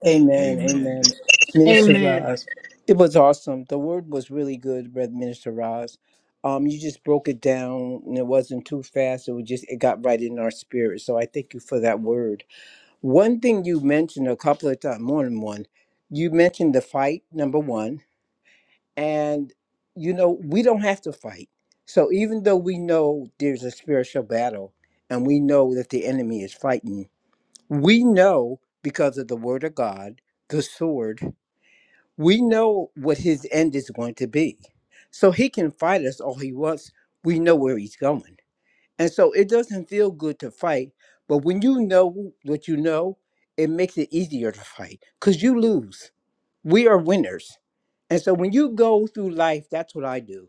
Amen. Amen. Amen. That- Minister Amen. Roz, it was awesome. The word was really good, Brother Minister Roz. Um, you just broke it down, and it wasn't too fast. It was just it got right in our spirit. So I thank you for that word. One thing you mentioned a couple of times, more than one, you mentioned the fight number one, and you know we don't have to fight. So even though we know there's a spiritual battle, and we know that the enemy is fighting, we know because of the word of God, the sword, we know what his end is going to be. So he can fight us all he wants. We know where he's going. And so it doesn't feel good to fight. But when you know what you know, it makes it easier to fight because you lose. We are winners. And so when you go through life, that's what I do.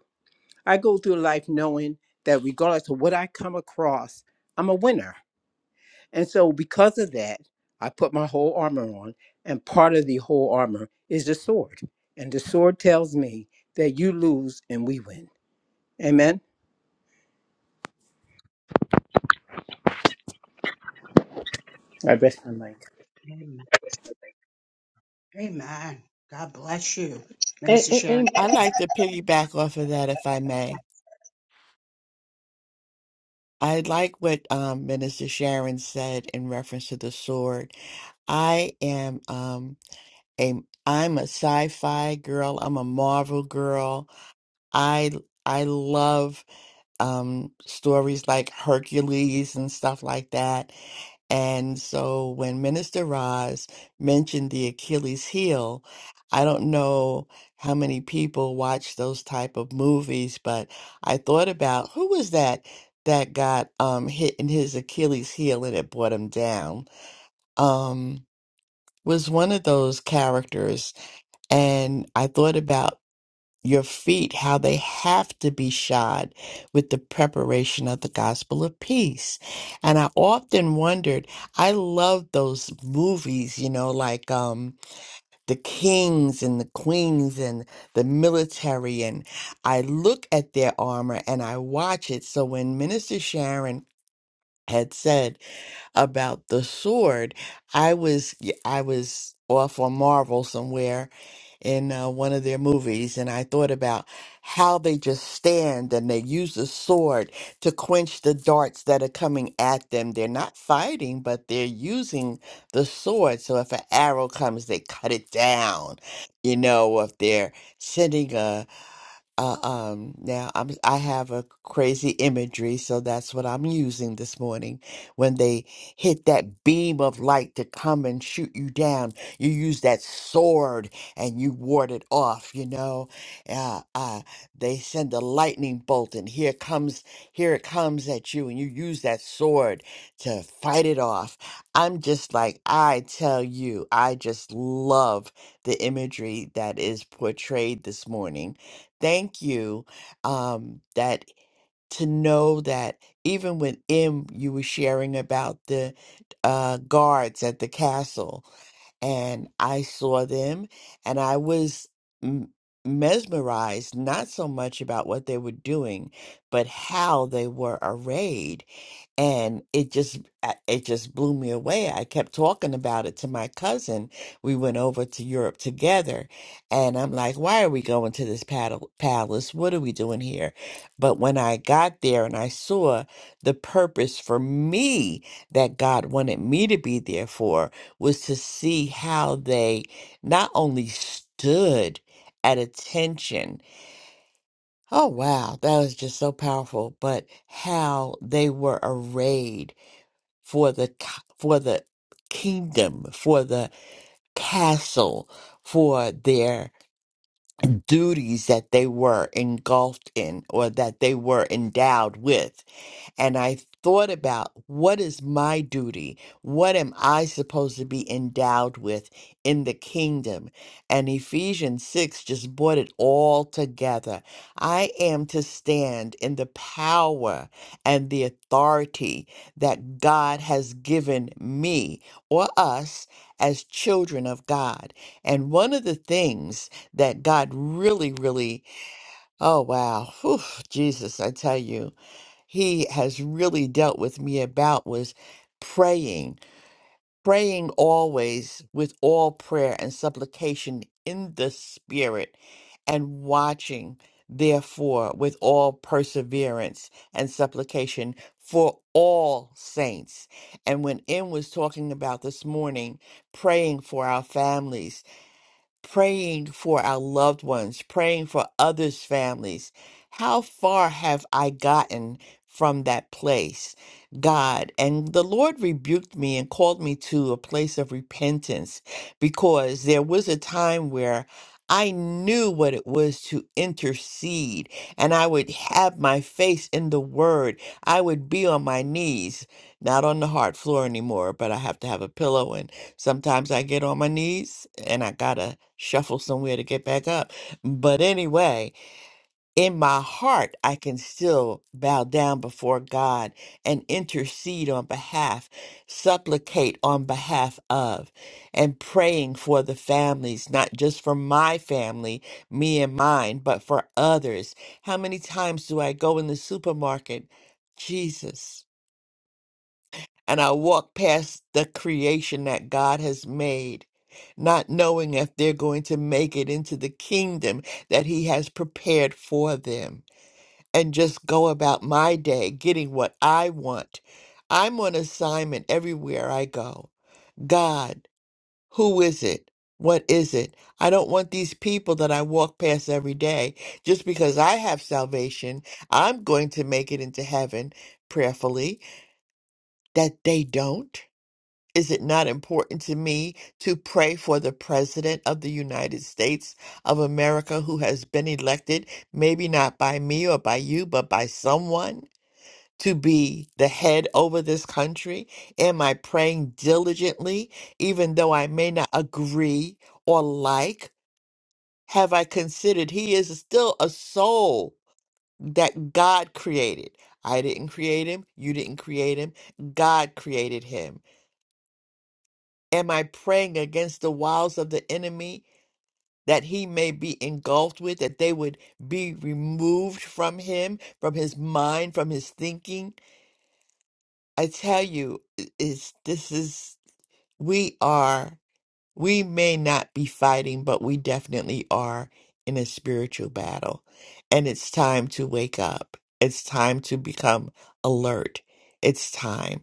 I go through life knowing that regardless of what I come across, I'm a winner. And so, because of that, I put my whole armor on, and part of the whole armor is the sword. And the sword tells me that you lose and we win. Amen. I rest my mic. Amen. Amen. God bless you, Minister A- a- Sharon. I'd like to piggyback off of that, if I may. I like what um, Minister Sharon said in reference to the sword. I am um a I'm a sci-fi girl. I'm a Marvel girl. I I love um stories like Hercules and stuff like that. And so when Minister Roz mentioned the Achilles heel, I don't know how many people watch those type of movies, but I thought about who was that that got um hit in his Achilles heel and it brought him down. Um was one of those characters and I thought about your feet, how they have to be shod with the preparation of the gospel of peace. And I often wondered, I love those movies, you know, like um, the kings and the queens and the military. And I look at their armor and I watch it. So when Minister Sharon had said, about the sword. I was y- I was off on Marvel somewhere in uh, one of their movies, and I thought about how they just stand and they use the sword to quench the darts that are coming at them. They're not fighting, but they're using the sword. So if an arrow comes, they cut it down. You know, if they're sending a uh, um, now I'm I have a crazy imagery, so that's what I'm using this morning. When they hit that beam of light to come and shoot you down, you use that sword and you ward it off. You know, uh, uh, they send a lightning bolt, and here comes here it comes at you, and you use that sword to fight it off. I'm just like I tell you, I just love the imagery that is portrayed this morning thank you um that to know that even with M you were sharing about the uh guards at the castle and I saw them, and I was m- mesmerized not so much about what they were doing, but how they were arrayed, and it just I- it just blew me away. I kept talking about it to my cousin. We went over to Europe together, and I'm like, "Why are we going to this paddle- palace? What are we doing here?" But when I got there and I saw the purpose for me that God wanted me to be there for was to see how they not only stood at attention, oh wow, that was just so powerful, but how they were arrayed for the co- for the kingdom, for the castle, for their duties that they were engulfed in or that they were endowed with and I thought about what is my duty? What am I supposed to be endowed with in the kingdom? And Ephesians 6 just brought it all together. I am to stand in the power and the authority that God has given me or us as children of God. And one of the things that God really, really, oh, wow, whew, Jesus, I tell you he has really dealt with me about was praying, praying always with all prayer and supplication in the Spirit, and watching, therefore, with all perseverance and supplication for all saints. And when M was talking about this morning, praying for our families praying for our loved ones, praying for others' families. How far have I gotten from that place, God? And the Lord rebuked me and called me to a place of repentance because there was a time where I knew what it was to intercede, and I would have my face in the word. I would be on my knees, not on the hard floor anymore, but I have to have a pillow Sometimes I get on my knees and I gotta shuffle somewhere to get back up. But anyway, in my heart, I can still bow down before God and intercede on behalf, supplicate on behalf of, and praying for the families, not just for my family, me and mine, but for others. How many times do I go in the supermarket? Jesus and I walk past the creation that God has made, not knowing if they're going to make it into the kingdom that He has prepared for them, and just go about my day getting what I want. I'm on assignment everywhere I go. God, who is it? What is it? I don't want these people that I walk past every day just because I have salvation. I'm going to make it into heaven prayerfully that they don't. Is it not important to me to pray for the President of the United States of America who has been elected, maybe not by me or by you, but by someone to be the head over this country? Am I praying diligently, even though I may not agree or like? Have I considered he is still a soul that God created? I didn't create him. You didn't create him. God created him. Am I praying against the wiles of the enemy that he may be engulfed with, that they would be removed from him, from his mind, from his thinking? I tell you, i- it's, this is, we are, we may not be fighting, but we definitely are in a spiritual battle. And it's time to wake up. It's time to become alert. It's time.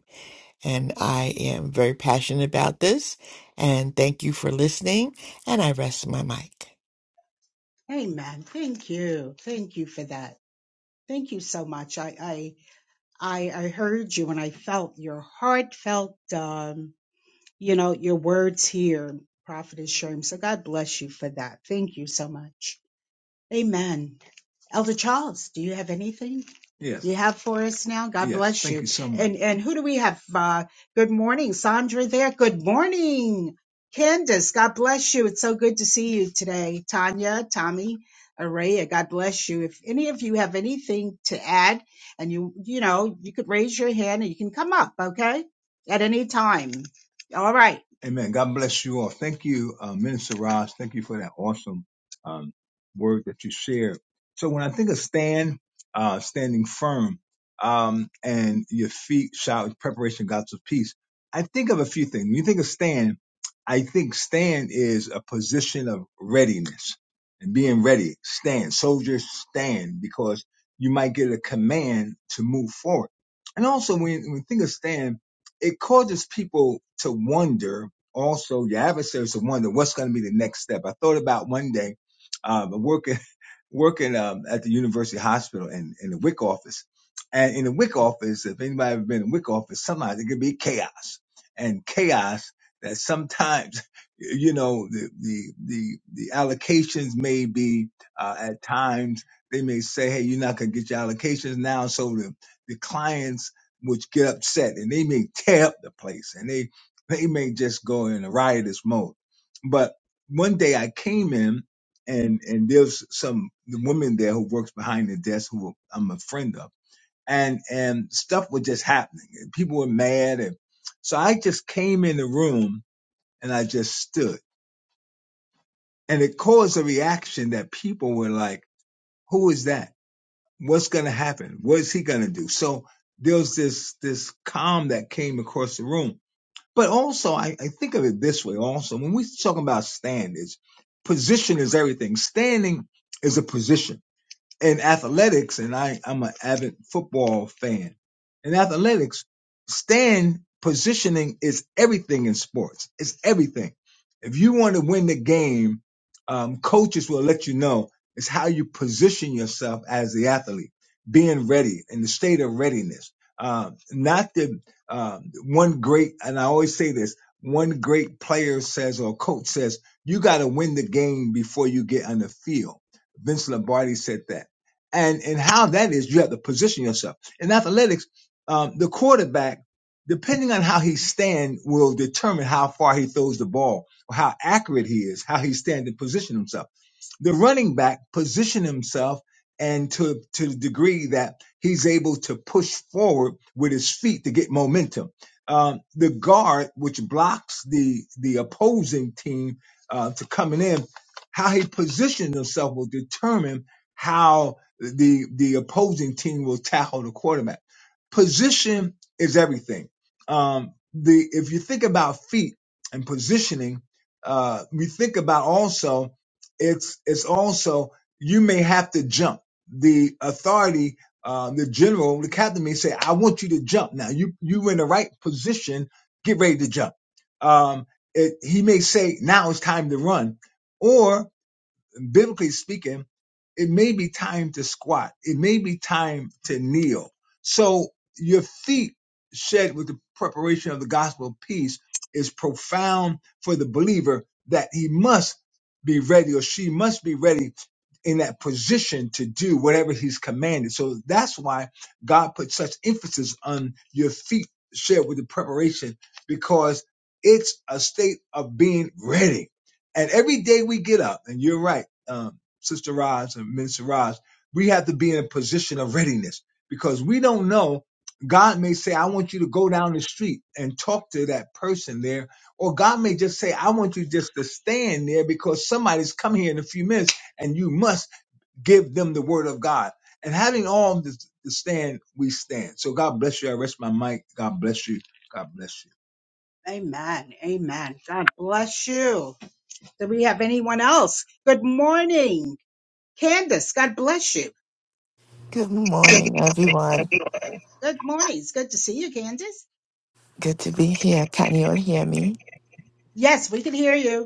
And I am very passionate about this. And thank you for listening. And I rest my mic. Amen. Thank you. Thank you for that. Thank you so much. I, I, I heard you and I felt your heartfelt, um, you know, your words here, Prophetess Sherm. So God bless you for that. Thank you so much. Amen. Elder Charles, do you have anything Yes. you have for us now? God Yes. bless Thank you you. so much. And and who do we have? Uh, good morning, Sandra. There. Good morning, Candace. God bless you. It's so good to see you today, Tanya, Tommy, Araya. God bless you. If any of you have anything to add, and you you know you could raise your hand and you can come up, okay, at any time. All right. Amen. God bless you all. Thank you, uh, Minister Raj. Thank you for that awesome word that you shared. So when I think of stand, uh, standing firm, um, and your feet shall preparation God's of peace, I think of a few things. When you think of stand, I think stand is a position of readiness and being ready. Stand, soldiers stand because you might get a command to move forward. And also when, when you think of stand, it causes people to wonder also your adversaries to wonder what's going to be the next step. I thought about one day um, working working um, at the University Hospital in, in the WIC office. And in the WIC office, if anybody ever been in the WIC office, sometimes it could be chaos and chaos that sometimes you know the the the, the allocations may be uh, at times they may say, hey, you're not gonna get your allocations now, so the the clients which get upset and they may tear up the place and they they may just go in a riotous mode. But one day I came in and and there's some the woman there who works behind the desk who I'm a friend of, and and stuff was just happening. And people were mad, and so I just came in the room and I just stood, and it caused a reaction that people were like, "Who is that? What's gonna happen? What is he gonna do?" So there was this this calm that came across the room. But also, I, I think of it this way. Also, when we talk about standards, position is everything. Standing is a position in athletics, and I, I'm an avid football fan. In athletics, stand positioning is everything in sports. It's everything. If you want to win the game, um, coaches will let you know it's how you position yourself as the athlete, being ready in the state of readiness. Um, not the um, one great, and I always say this: one great player says or coach says, "You got to win the game before you get on the field." Vince Lombardi said that and and how that is, you have to position yourself. In athletics, um, the quarterback, depending on how he stand, will determine how far he throws the ball, or how accurate he is, how he stands and position himself the running back position himself and to to the degree that he's able to push forward with his feet to get momentum. Um, the guard, which blocks the the opposing team uh, to coming in, how he positions himself will determine how the the opposing team will tackle the quarterback. Position is everything. Um, the if you think about feet and positioning, uh, we think about also it's it's also you may have to jump. The authority, uh, the general, the captain may say, "I want you to jump." Now you you in the right position. Get ready to jump. Um, it, he may say, "Now it's time to run," or biblically speaking, it may be time to squat. It may be time to kneel. So your feet shed with the preparation of the gospel of peace is profound for the believer that he must be ready or she must be ready in that position to do whatever he's commanded. So that's why God put such emphasis on your feet shed with the preparation because it's a state of being ready. And every day we get up, and you're right um, Sister Roz and Minister Roz, we have to be in a position of readiness because we don't know. God may say, I want you to go down the street and talk to that person there. Or God may just say, I want you just to stand there because somebody's come here in a few minutes and you must give them the word of God. And having all this to stand, we stand. So God bless you. I rest my mic. God bless you. God bless you. Amen. Amen. God bless you. Do we have anyone else? Good morning. Candace, God bless you. Good morning, everyone. Good morning. It's good to see you, Candace. Good to be here. Can you all hear me? Yes, we can hear you.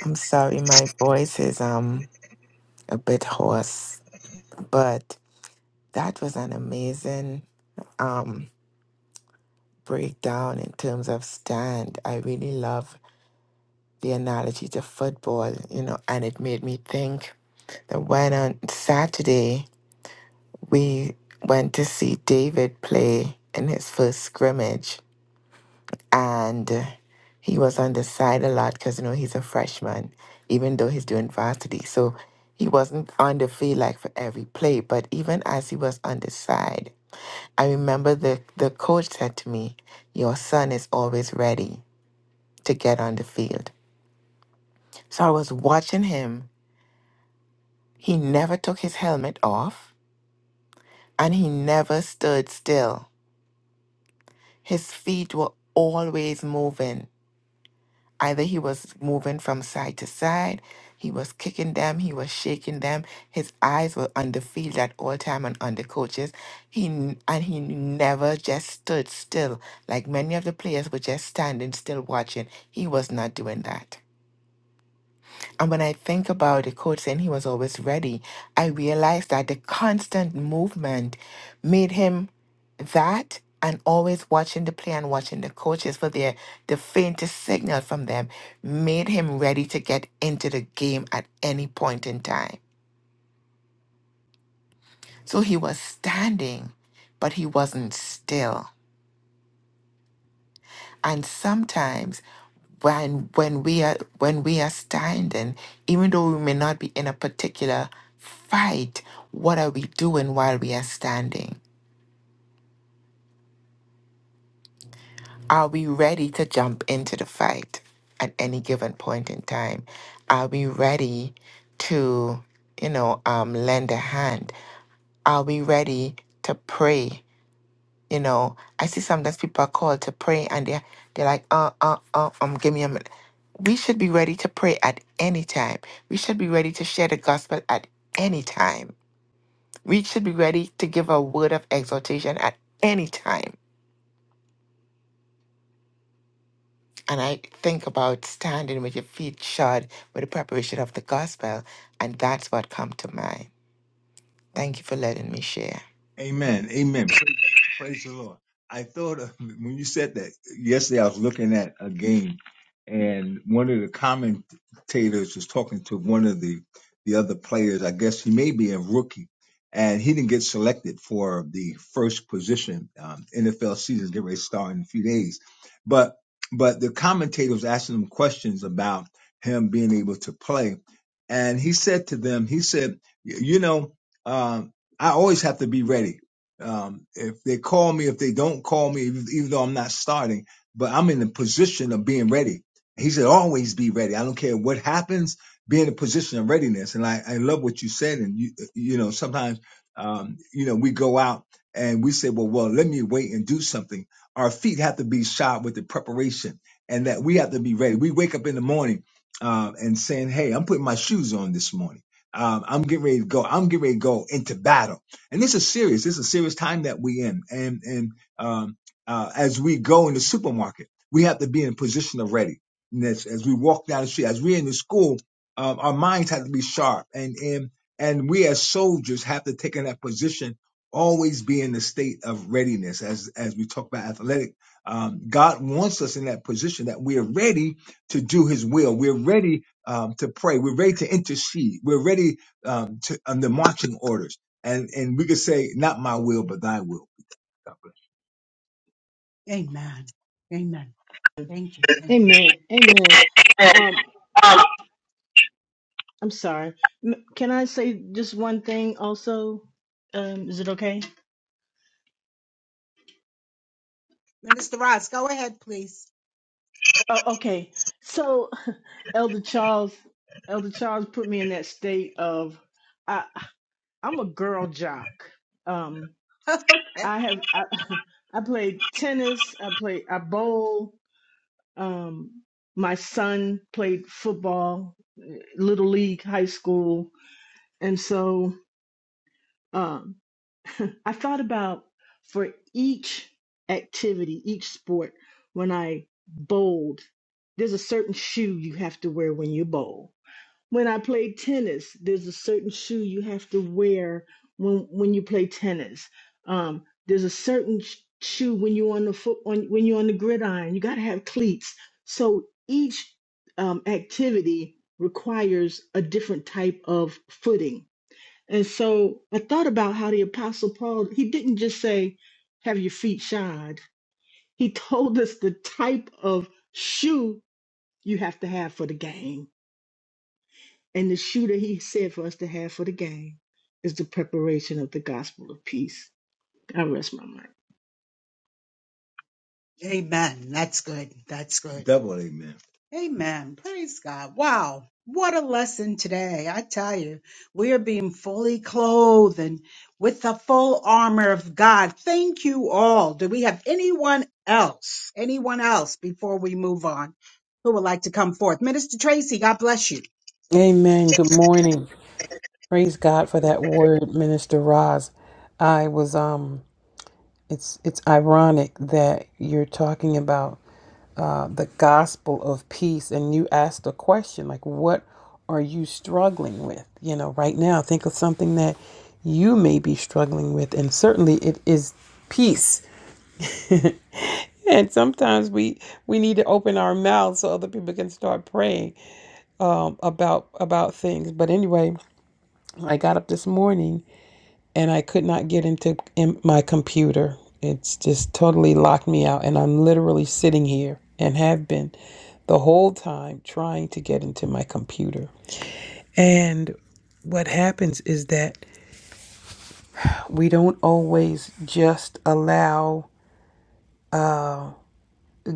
I'm sorry, my voice is um a bit hoarse, but that was an amazing um breakdown in terms of stand. I really love the analogy to football, you know, and it made me think that when on Saturday we went to see David play in his first scrimmage, and he was on the side a lot because you know he's a freshman, even though he's doing varsity. So he wasn't on the field like for every play, but even as he was on the side, I remember the the coach said to me, "Your son is always ready to get on the field." So I was watching him. He never took his helmet off, and he never stood still. His feet were always moving Either he was moving from side to side, he was kicking them, he was shaking them. His eyes were on the field at all time and on the coaches. He n- and he never just stood still. Like many of the players were just standing still watching. He was not doing that. And when I think about the coach saying he was always ready, I realized that the constant movement made him that and always watching the play and watching the coaches for their the faintest signal from them made him ready to get into the game at any point in time. So he was standing, but he wasn't still. And sometimes when when we are when we are standing, even though we may not be in a particular fight, what are we doing while we are standing? Are we ready to jump into the fight at any given point in time? Are we ready to, you know, um, lend a hand? Are we ready to pray? You know, I see sometimes people are called to pray and they're they're like, uh, uh, uh, um, give me a minute. we should be ready to pray at any time. We should be ready to share the gospel at any time. We should be ready to give a word of exhortation at any time. And I think about standing with your feet shod with the preparation of the gospel, and that's what come to mind. Thank you for letting me share. Amen. Amen. Praise, praise the Lord. I thought of, when you said that yesterday, I was looking at a game, and one of the commentators was talking to one of the the other players. I guess he may be a rookie, and he didn't get selected for the first position. Um, NFL season is getting ready to start in a few days, but but the commentator was asking him questions about him being able to play, and he said to them, he said, you know. Um, I always have to be ready. Um, if they call me, if they don't call me, even though I'm not starting, but I'm in the position of being ready. He said, always be ready. I don't care what happens, be in a position of readiness. And I, I love what you said. And you, you know, sometimes, um, you know, we go out and we say, well, well, let me wait and do something. Our feet have to be shod with the preparation and that we have to be ready. We wake up in the morning, uh, and saying, Hey, I'm putting my shoes on this morning um, I'm getting ready to go. I'm getting ready to go into battle. And this is serious. This is a serious time that we in. And and um, uh, as we go in the supermarket, we have to be in a position of ready. And as, as we walk down the street, as we're in the school, um, our minds have to be sharp. And and and we as soldiers have to take in that position, always be in the state of readiness. As as we talk about athletic, um, God wants us in that position that we are ready to do His will. We're ready um, to pray. We're ready to intercede. We're ready um, to under marching orders, and and we could say, "Not my will, but Thy will." God bless. Amen. Amen. Thank you. a- Thank you. amen. Amen. Um, I'm sorry. M- Can I say just one thing also? Um, is it okay? Minister Ross, go ahead, please. Oh, okay. So, Elder Charles, Elder Charles put me in that state of I, I'm a girl jock. Um, I have I, I played tennis. I play I bowl. Um, my son played football, little league, high school, and so um, I thought about for each activity, each sport, when I bowled, there's a certain shoe you have to wear when you bowl when I play tennis, there's a certain shoe you have to wear when when you play tennis. Um, there's a certain sh- shoe when you're on the foot on when you're on the gridiron. You got to have cleats. So each um, activity requires a different type of footing. And so I thought about how the Apostle Paul he didn't just say, "Have your feet shod." He told us the type of shoe you have to have for the game and the shoe that he said for us to have for the game is the preparation of the gospel of peace. I rest my mind. Amen. That's good. That's good. Double amen. Amen. Praise God. Wow. What a lesson today. I tell you, we are being fully clothed and with the full armor of God. Thank you all. Do we have anyone else? Anyone else before we move on who would like to come forth? Minister Tracy, God bless you. Amen. Good morning. Praise God for that word, Minister Roz. I was um it's it's ironic that you're talking about uh the gospel of peace and you asked a question like what are you struggling with? You know, right now think of something that you may be struggling with and certainly it is peace. And sometimes we we need to open our mouths so other people can start praying about about things. But anyway, I got up this morning and I could not get into in my computer. It's just totally locked me out, and I'm literally sitting here and have been the whole time trying to get into my computer. And what happens is that we don't always just allow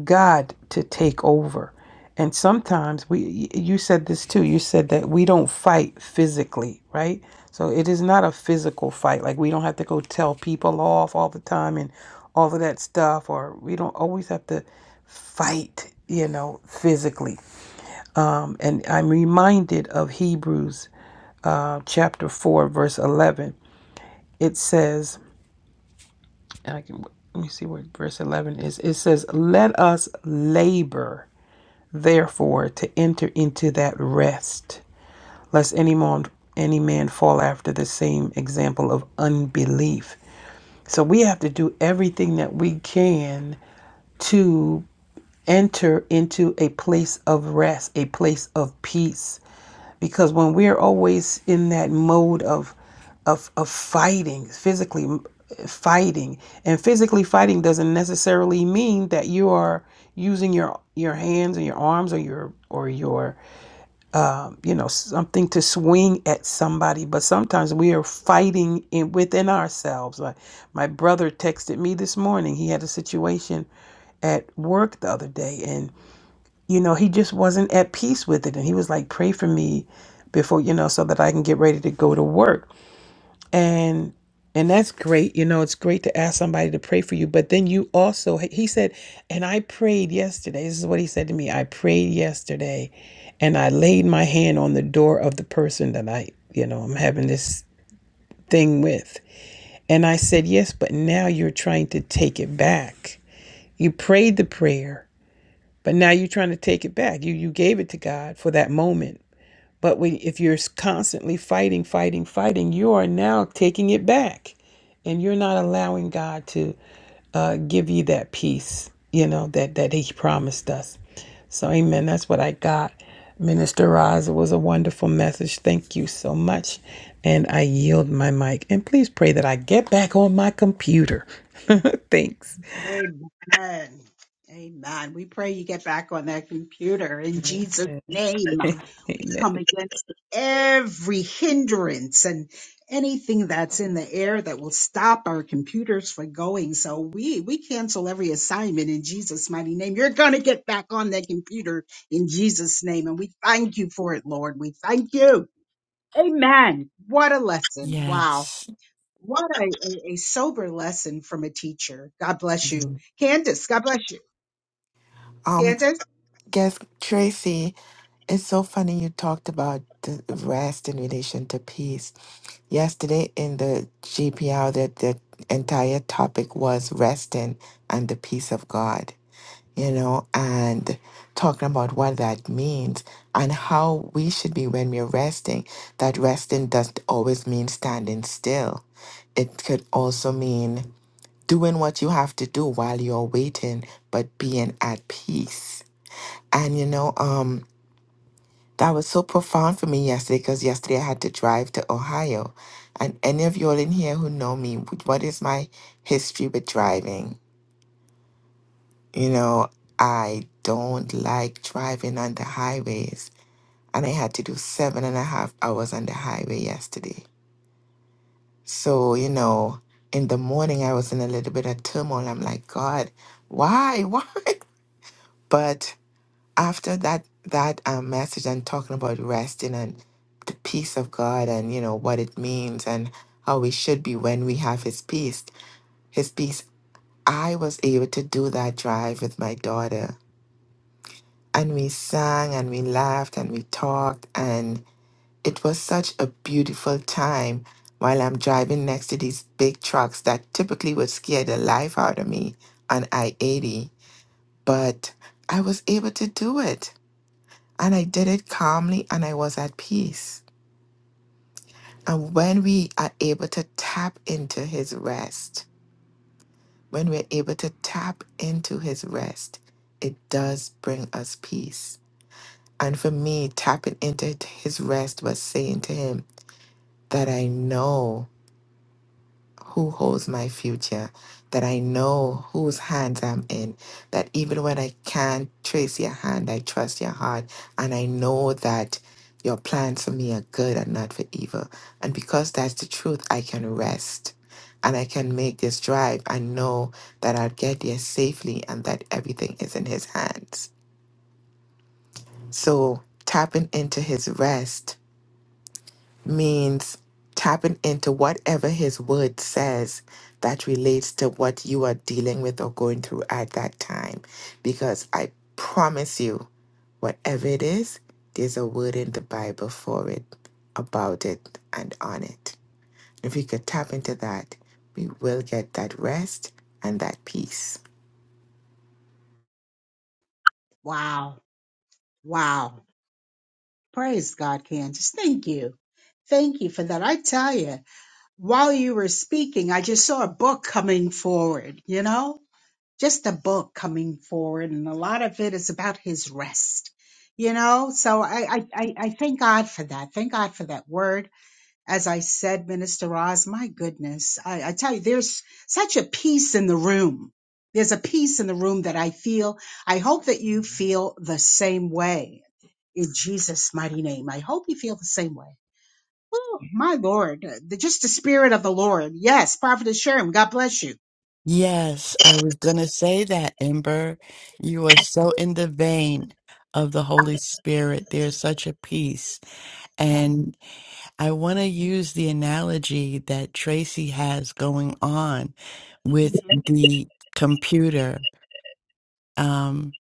God to take over. And sometimes we you said this too. You said that we don't fight physically, right? So it is not a physical fight. Like we don't have to go tell people off all the time and all of that stuff or we don't always have to fight, you know, physically. Um and I'm reminded of Hebrews uh chapter 4 verse 11. It says and I can let me see where verse 11 is. It says, "Let us labor." therefore to enter into that rest, lest any man, any man fall after the same example of unbelief. So we have to do everything that we can to enter into a place of rest, a place of peace. Because when we're always in that mode of of, of fighting, physically fighting, and physically fighting doesn't necessarily mean that you are using your your hands or your arms or your or your you know something to swing at somebody but sometimes we are fighting in, within ourselves like my brother texted me this morning he had a situation at work the other day and you know he just wasn't at peace with it and he was like pray for me before you know so that i can get ready to go to work and and that's great you know it's great to ask somebody to pray for you but then you also he said and i prayed yesterday this is what he said to me i prayed yesterday and i laid my hand on the door of the person that i you know i'm having this thing with and i said yes but now you're trying to take it back you prayed the prayer but now you're trying to take it back you you gave it to god for that moment but when, if you're constantly fighting, fighting, fighting, you are now taking it back, and you're not allowing God to uh, give you that peace, you know that that He promised us. So, Amen. That's what I got. Minister Roz, it was a wonderful message. Thank you so much. And I yield my mic. And please pray that I get back on my computer. Thanks. Amen. Amen. We pray you get back on that computer in Jesus' Amen. name. Amen. come against every hindrance and anything that's in the air that will stop our computers from going. So we we cancel every assignment in Jesus' mighty name. You're gonna get back on that computer in Jesus' name, and we thank you for it, Lord. We thank you. Amen. What a lesson! Wow. Yes. What a, a, a sober lesson from a teacher. God bless you. Mhm. Candace, God bless you. Um, Candace, Guess Tracy, it's so funny you talked about the rest in relation to peace. Yesterday in the GPR, that the entire topic was resting and the peace of God, you know, and talking about what that means and how we should be when we're resting. That resting doesn't always mean standing still. It could also mean doing what you have to do while you're waiting, but being at peace and you know, um, that was so profound for me yesterday because yesterday I had to drive to Ohio. And any of you all in here who know me, wh- what is my history with driving? You know, I don't like driving on the highways. And I had to do seven and a half hours on the highway yesterday. So, you know, in the morning I was in a little bit of turmoil. I'm like, God, why? Why? But after that that um, message and talking about resting and the peace of God and you know what it means and how we should be when we have His peace, His peace. I was able to do that drive with my daughter, and we sang and we laughed and we talked, and it was such a beautiful time. While I'm driving next to these big trucks that typically would scare the life out of me on I 80, but I was able to do it. And I did it calmly and I was at peace. And when we are able to tap into his rest, when we're able to tap into his rest, it does bring us peace. And for me, tapping into his rest was saying to him that I know. who holds my future, that I know whose hands I'm in, that even when I can't trace your hand, I trust your heart, and I know that your plans for me are good and not for evil. And because that's the truth, I can rest. And I can make this drive and know that I'll get there safely and that everything is in his hands. So tapping into his rest means tapping into whatever his word says that relates to what you are dealing with or going through at that time. Because I promise you, whatever it is, there's a word in the Bible for it, about it, and on it. If we could tap into that, we will get that rest and that peace. wow. Wow. Praise God, Candace. Thank you. Thank you for that. I tell you, while you were speaking, I just saw a book coming forward, you know, just a book coming forward. And a lot of it is about his rest, you know. So I, I, I I thank God for that. Thank God for that word as I said, Minister Roz, my goodness, I, I tell you, there's such a peace in the room. There's a peace in the room that I feel. I hope that you feel the same way in Jesus' mighty name. I hope you feel the same way. Oh, my Lord, uh, the, just the Spirit of the Lord. Yes, Prophetess Sherm, God bless you. Yes, I was going to say that, Ember. You are so in the vein of the Holy Spirit. There's such a peace. And I want to use the analogy that Tracy has going on with the computer. Um,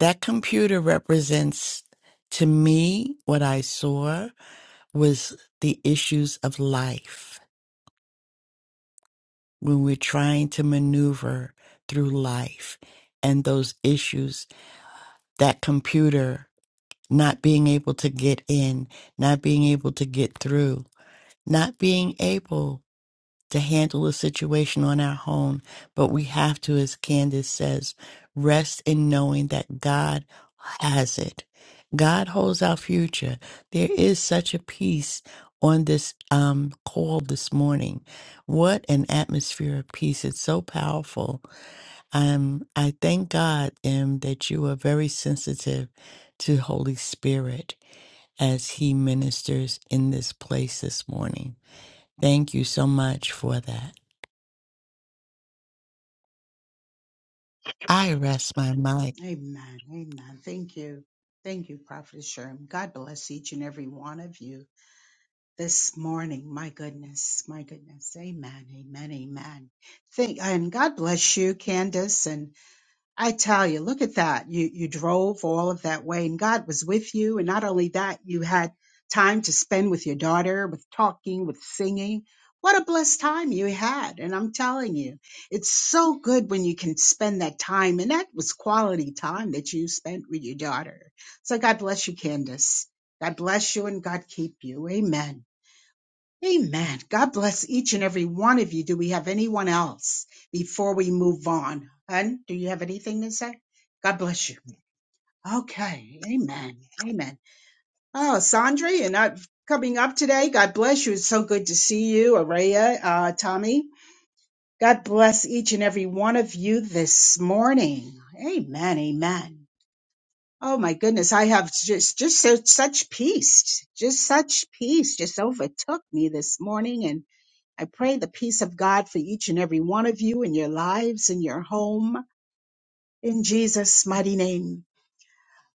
that computer represents to me what I saw was the issues of life when we're trying to maneuver through life and those issues that computer not being able to get in not being able to get through not being able to handle a situation on our own, but we have to, as Candace says, rest in knowing that God has it. God holds our future. There is such a peace on this um, call this morning. What an atmosphere of peace! It's so powerful. Um, I thank God, Em, that you are very sensitive to Holy Spirit as He ministers in this place this morning. Thank you so much for that. I rest my mind. Amen. Amen. Thank you. Thank you, Prophetess Sherm. God bless each and every one of you. this morning. My goodness, my goodness. Amen, amen, amen. Thank and God bless you, Candace. And I tell you, look at that. You you drove all of that way, and God was with you. And not only that, you had time to spend with your daughter, with talking, with singing. What a blessed time you had. And I'm telling you, it's so good when you can spend that time. And that was quality time that you spent with your daughter. So God bless you, Candace. God bless you and God keep you. Amen. Amen. God bless each and every one of you. Do we have anyone else before we move on? Hun, do you have anything to say? God bless you. Okay. Amen. Amen. Oh, Sandri, you're not coming up today. God bless you. It's so good to see you, Araya, uh, Tommy. God bless each and every one of you this morning. Amen. Amen. Oh my goodness, I have just just so, such peace, just such peace just overtook me this morning and I pray the peace of God for each and every one of you in your lives, in your home, in Jesus' mighty name.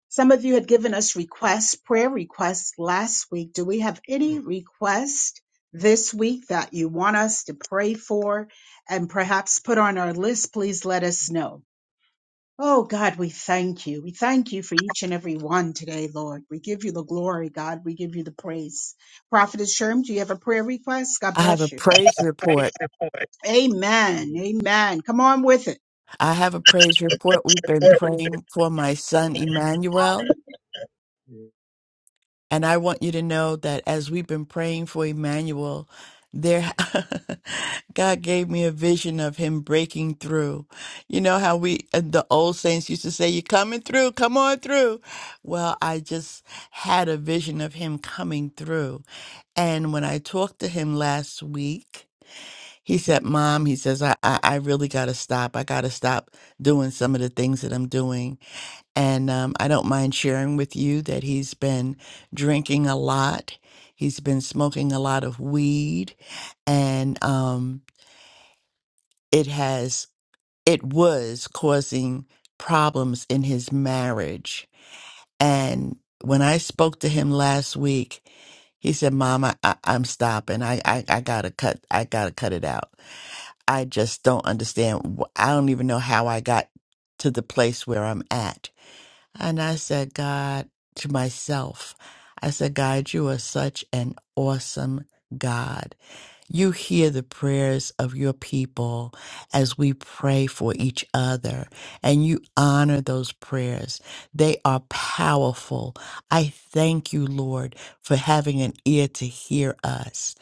Some of you had given us requests, prayer requests last week. Do we have any request this week that you want us to pray for and perhaps put on our list? Please let us know. Oh God, we thank you. We thank you for each and every one today, Lord. We give you the glory, God. We give you the praise. Prophetess Sherm, do you have a prayer request? God I have a bless you. praise report. Amen. Amen. Come on with it. I have a praise report. We've been praying for my son, Emmanuel. And I want you to know that as we've been praying for Emmanuel, there, God gave me a vision of him breaking through. You know how we, uh, the old saints used to say, You're coming through, come on through. Well, I just had a vision of him coming through. And when I talked to him last week, He said, Mom, he says, I, I, I really got to stop. I got to stop doing some of the things that I'm doing. And um, I don't mind sharing with you that he's been drinking a lot. He's been smoking a lot of weed. And um, it has, it was causing problems in his marriage and when I spoke to him last week, he said, "Mom, I, I, I'm stopping. I, I, I gotta cut. I gotta cut it out. I just don't understand. wh- I don't even know how I got to the place where I'm at." And I said, "God, to myself, I said, God, you are such an awesome God." You hear the prayers of your people as we pray for each other, and you honor those prayers. They are powerful. I thank you, Lord, for having an ear to hear us.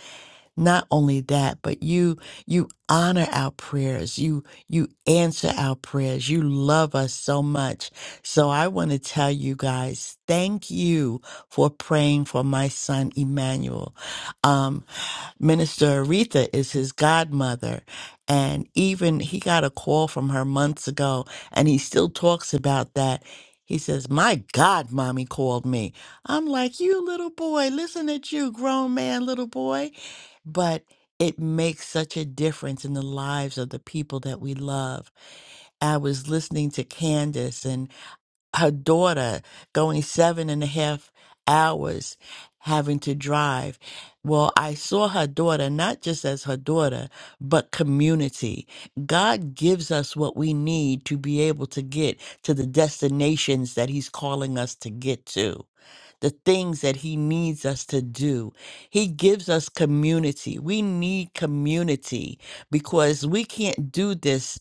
Not only that, but you you honor our prayers. You you answer our prayers. You love us so much. So I want to tell you guys, thank you for praying for my son Emmanuel. Um, Minister Aretha is his godmother. And even he got a call from her months ago, and he still talks about that. He says, My God, mommy called me. I'm like, You little boy, listen at you, grown man, little boy. But it makes such a difference in the lives of the people that we love. I was listening to Candace, her daughter going seven and a half hours having to drive. Well, I saw her daughter not just as her daughter, but community. God gives us what we need to be able to get to the destinations that He's calling us to get to. The things that he needs us to do. He gives us community. We need community because we can't do this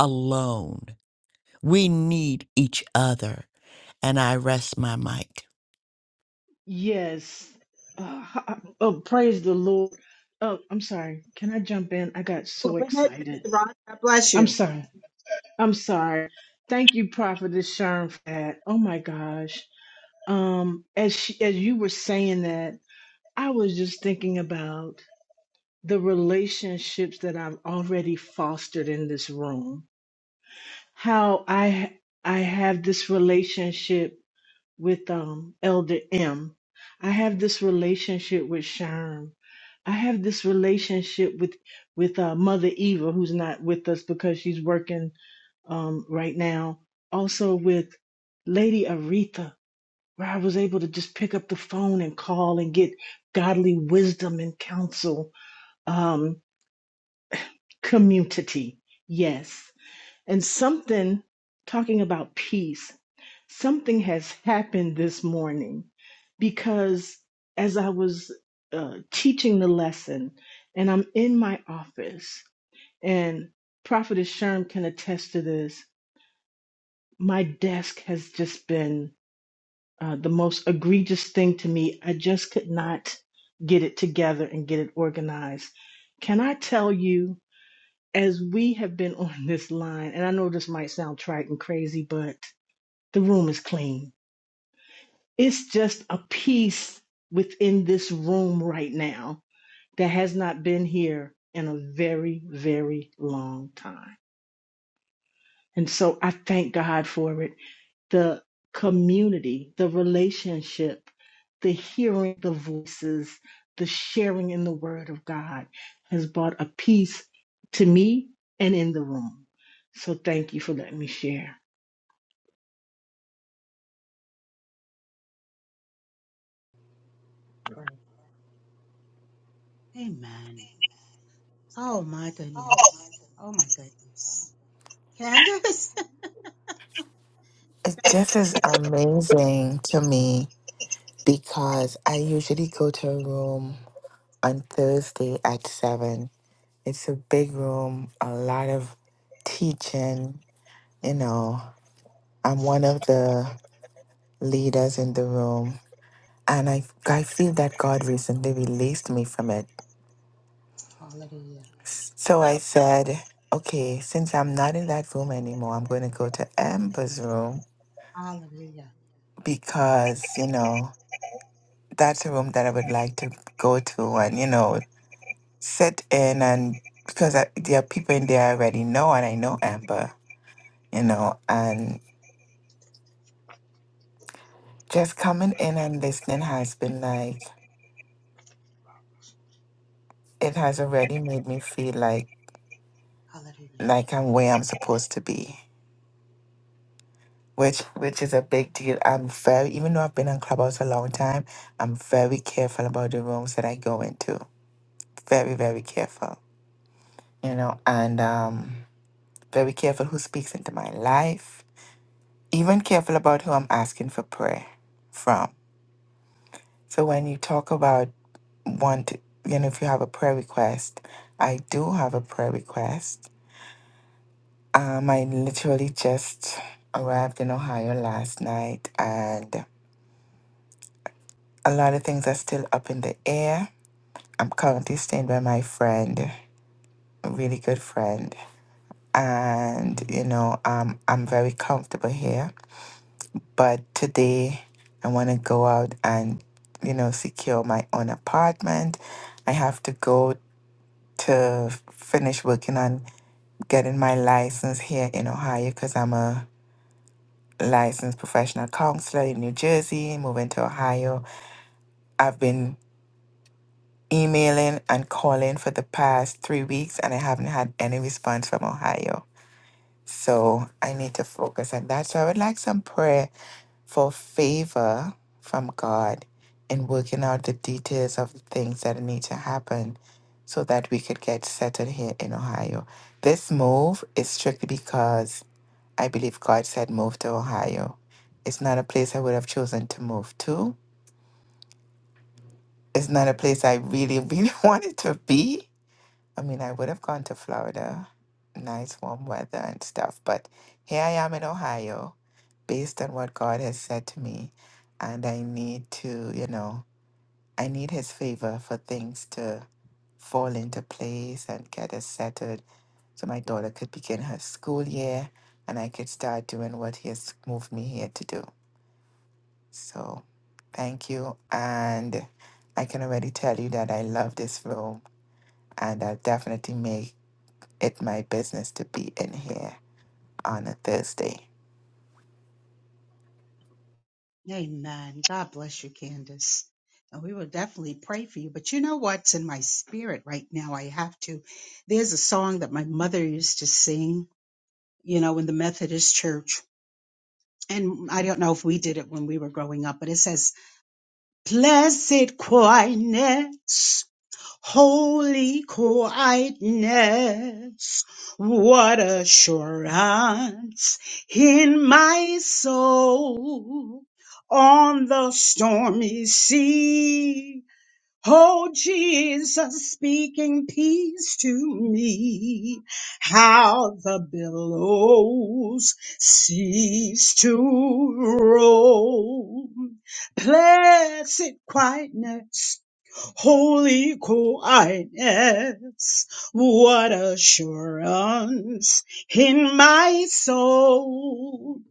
alone. We need each other and I rest my mic. Yes. Uh, h- oh, praise the Lord. Oh, I'm sorry. Can I jump in? I got Go so ahead, excited. Mr. Rod. God bless I'm you. sorry. I'm sorry. Thank you, Prophetess Sharon, for that. Oh my gosh. Um, as she, as you were saying that, I was just thinking about the relationships that I've already fostered in this room how I I have this relationship with um Elder M. I have this relationship with Sharm. I have this relationship with with uh, Mother Eva, who's not with us because she's working um right now. Also with Lady Aretha, where I was able to just pick up the phone and call and get godly wisdom and counsel. Um, community, yes, and something talking about peace. something has happened this morning because as I was uh, teaching the lesson and I'm in my office, and Prophetess Sherm can attest to this, my desk has just been uh, the most egregious thing to me. I just could not get it together and get it organized. Can I tell you, as we have been on this line, and I know this might sound trite and crazy, but the room is clean It's just a peace within this room right now that has not been here in a very, very long time. And so I thank God for it. The community, the relationship, the hearing the voices, the sharing in the word of God has brought a peace to me and in the room. So thank you for letting me share. Right. Amen. Oh my goodness. Oh my goodness. Candace? It- This is amazing to me because I usually go to a room on Thursday at 7 It's a big room, a lot of teaching. You know, I'm one of the leaders in the room, and I, I feel that God recently released me from it. Hallelujah. So I said, okay, since I'm not in that room anymore, I'm going to go to Amber's room Hallelujah. because, you know, that's a room that I would like to go to and, you know, sit in and because I, there are people in there I already know and I know Amber, you know, and. Just coming in and listening has been like it has already made me feel like Hallelujah. like I'm where I'm supposed to be. Which which is a big deal. I'm very even though I've been on Clubhouse a long time, I'm very careful about the rooms that I go into. Very, very careful. You know, and um very careful who speaks into my life. Even careful about who I'm asking for prayer from. So when you talk about want you know, if you have a prayer request, I do have a prayer request Um, I literally just arrived in Ohio last night, and a lot of things are still up in the air. I'm currently staying by my friend, a really good friend, and you know, um, I'm very comfortable here. But today, I want to go out and you know secure my own apartment. I have to go to finish working on getting my license here in Ohio because I'm a licensed professional counselor in New Jersey, moving to Ohio. I've been emailing and calling for the past three weeks and I haven't had any response from Ohio. So I need to focus on that. So I would like some prayer for favor from God in working out the details of the things that need to happen so that we could get settled here in Ohio. This move is strictly because I believe God said move to Ohio. It's not a place I would have chosen to move to. It's not a place I really, really wanted to be. I mean, I would have gone to Florida, nice warm weather and stuff, but here I am in Ohio based on what God has said to me. And I need to, you know, I need His favor for things to fall into place and get us settled so my daughter could begin her school year and I could start doing what He has moved me here to do. So thank you. And I can already tell you that I love this room and I'll definitely make it my business to be in here on a Thursday. Amen. God bless you, Candace. And we will definitely pray for you. But you know what's in my spirit right now? I have to. There's a song that my mother used to sing. you know, in the Methodist church. And I don't know if we did it when we were growing up, but it says, Blessed quietness, holy quietness, what assurance in my soul on the stormy sea. Oh, Jesus speaking peace to me. How the billows cease to roll. Blessed quietness Holy quietness, what assurance in my soul.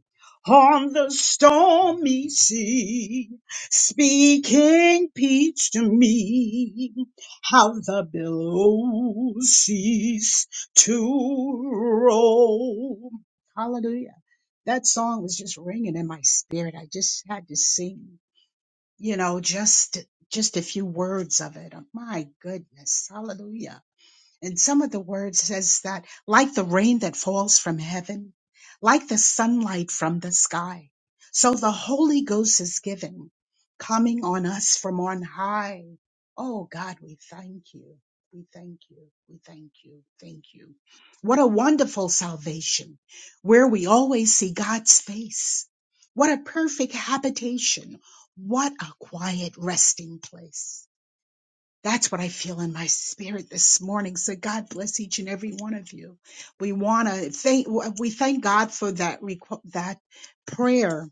On the stormy sea, speaking peace to me, how the billows cease to roll. Hallelujah. That song was just ringing in my spirit. I just had to sing you know, just just a few words of it. My goodness. Hallelujah. And some of the words says that, like the rain that falls from heaven, like the sunlight from the sky, so the Holy Ghost is given, coming on us from on high. Oh God, we thank you. We thank you. We thank you. Thank you. What a wonderful salvation where we always see God's face. What a perfect habitation. What a quiet resting place. That's what I feel in my spirit this morning. So God bless each and every one of you. We want to thank we thank God for that requ- that prayer,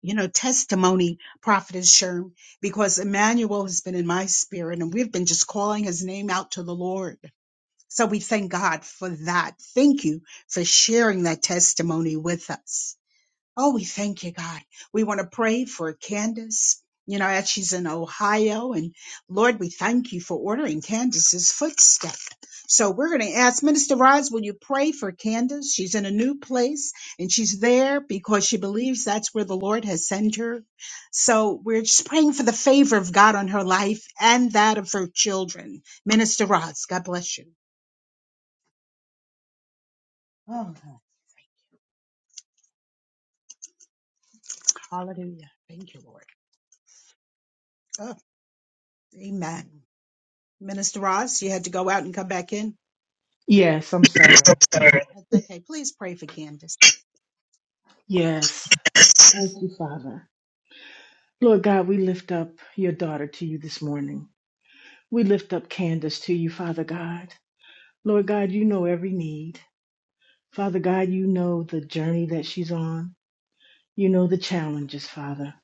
you know, testimony, Prophetess Sherm, because Emmanuel has been in my spirit, and we've been just calling his name out to the Lord. So we thank God for that. Thank you for sharing that testimony with us. Oh, we thank you, God. We want to pray for Candace, you know, as she's in Ohio. And Lord, we thank you for ordering Candace's footstep. So we're going to ask Minister Roz, will you pray for Candace? She's in a new place and she's there because she believes that's where the Lord has sent her. So we're just praying for the favor of God on her life and that of her children. Minister Roz. God bless you. Oh, hallelujah. Thank you, Lord. Oh, amen. Minister Ross, you had to go out and come back in. Yes, I'm sorry. That's okay. Please pray for Candace. Yes. Thank you, Father. Lord God, we lift up your daughter to you this morning. We lift up Candace to you, Father God. Lord God, you know every need. Father God, you know the journey that she's on. You know the challenges, Father.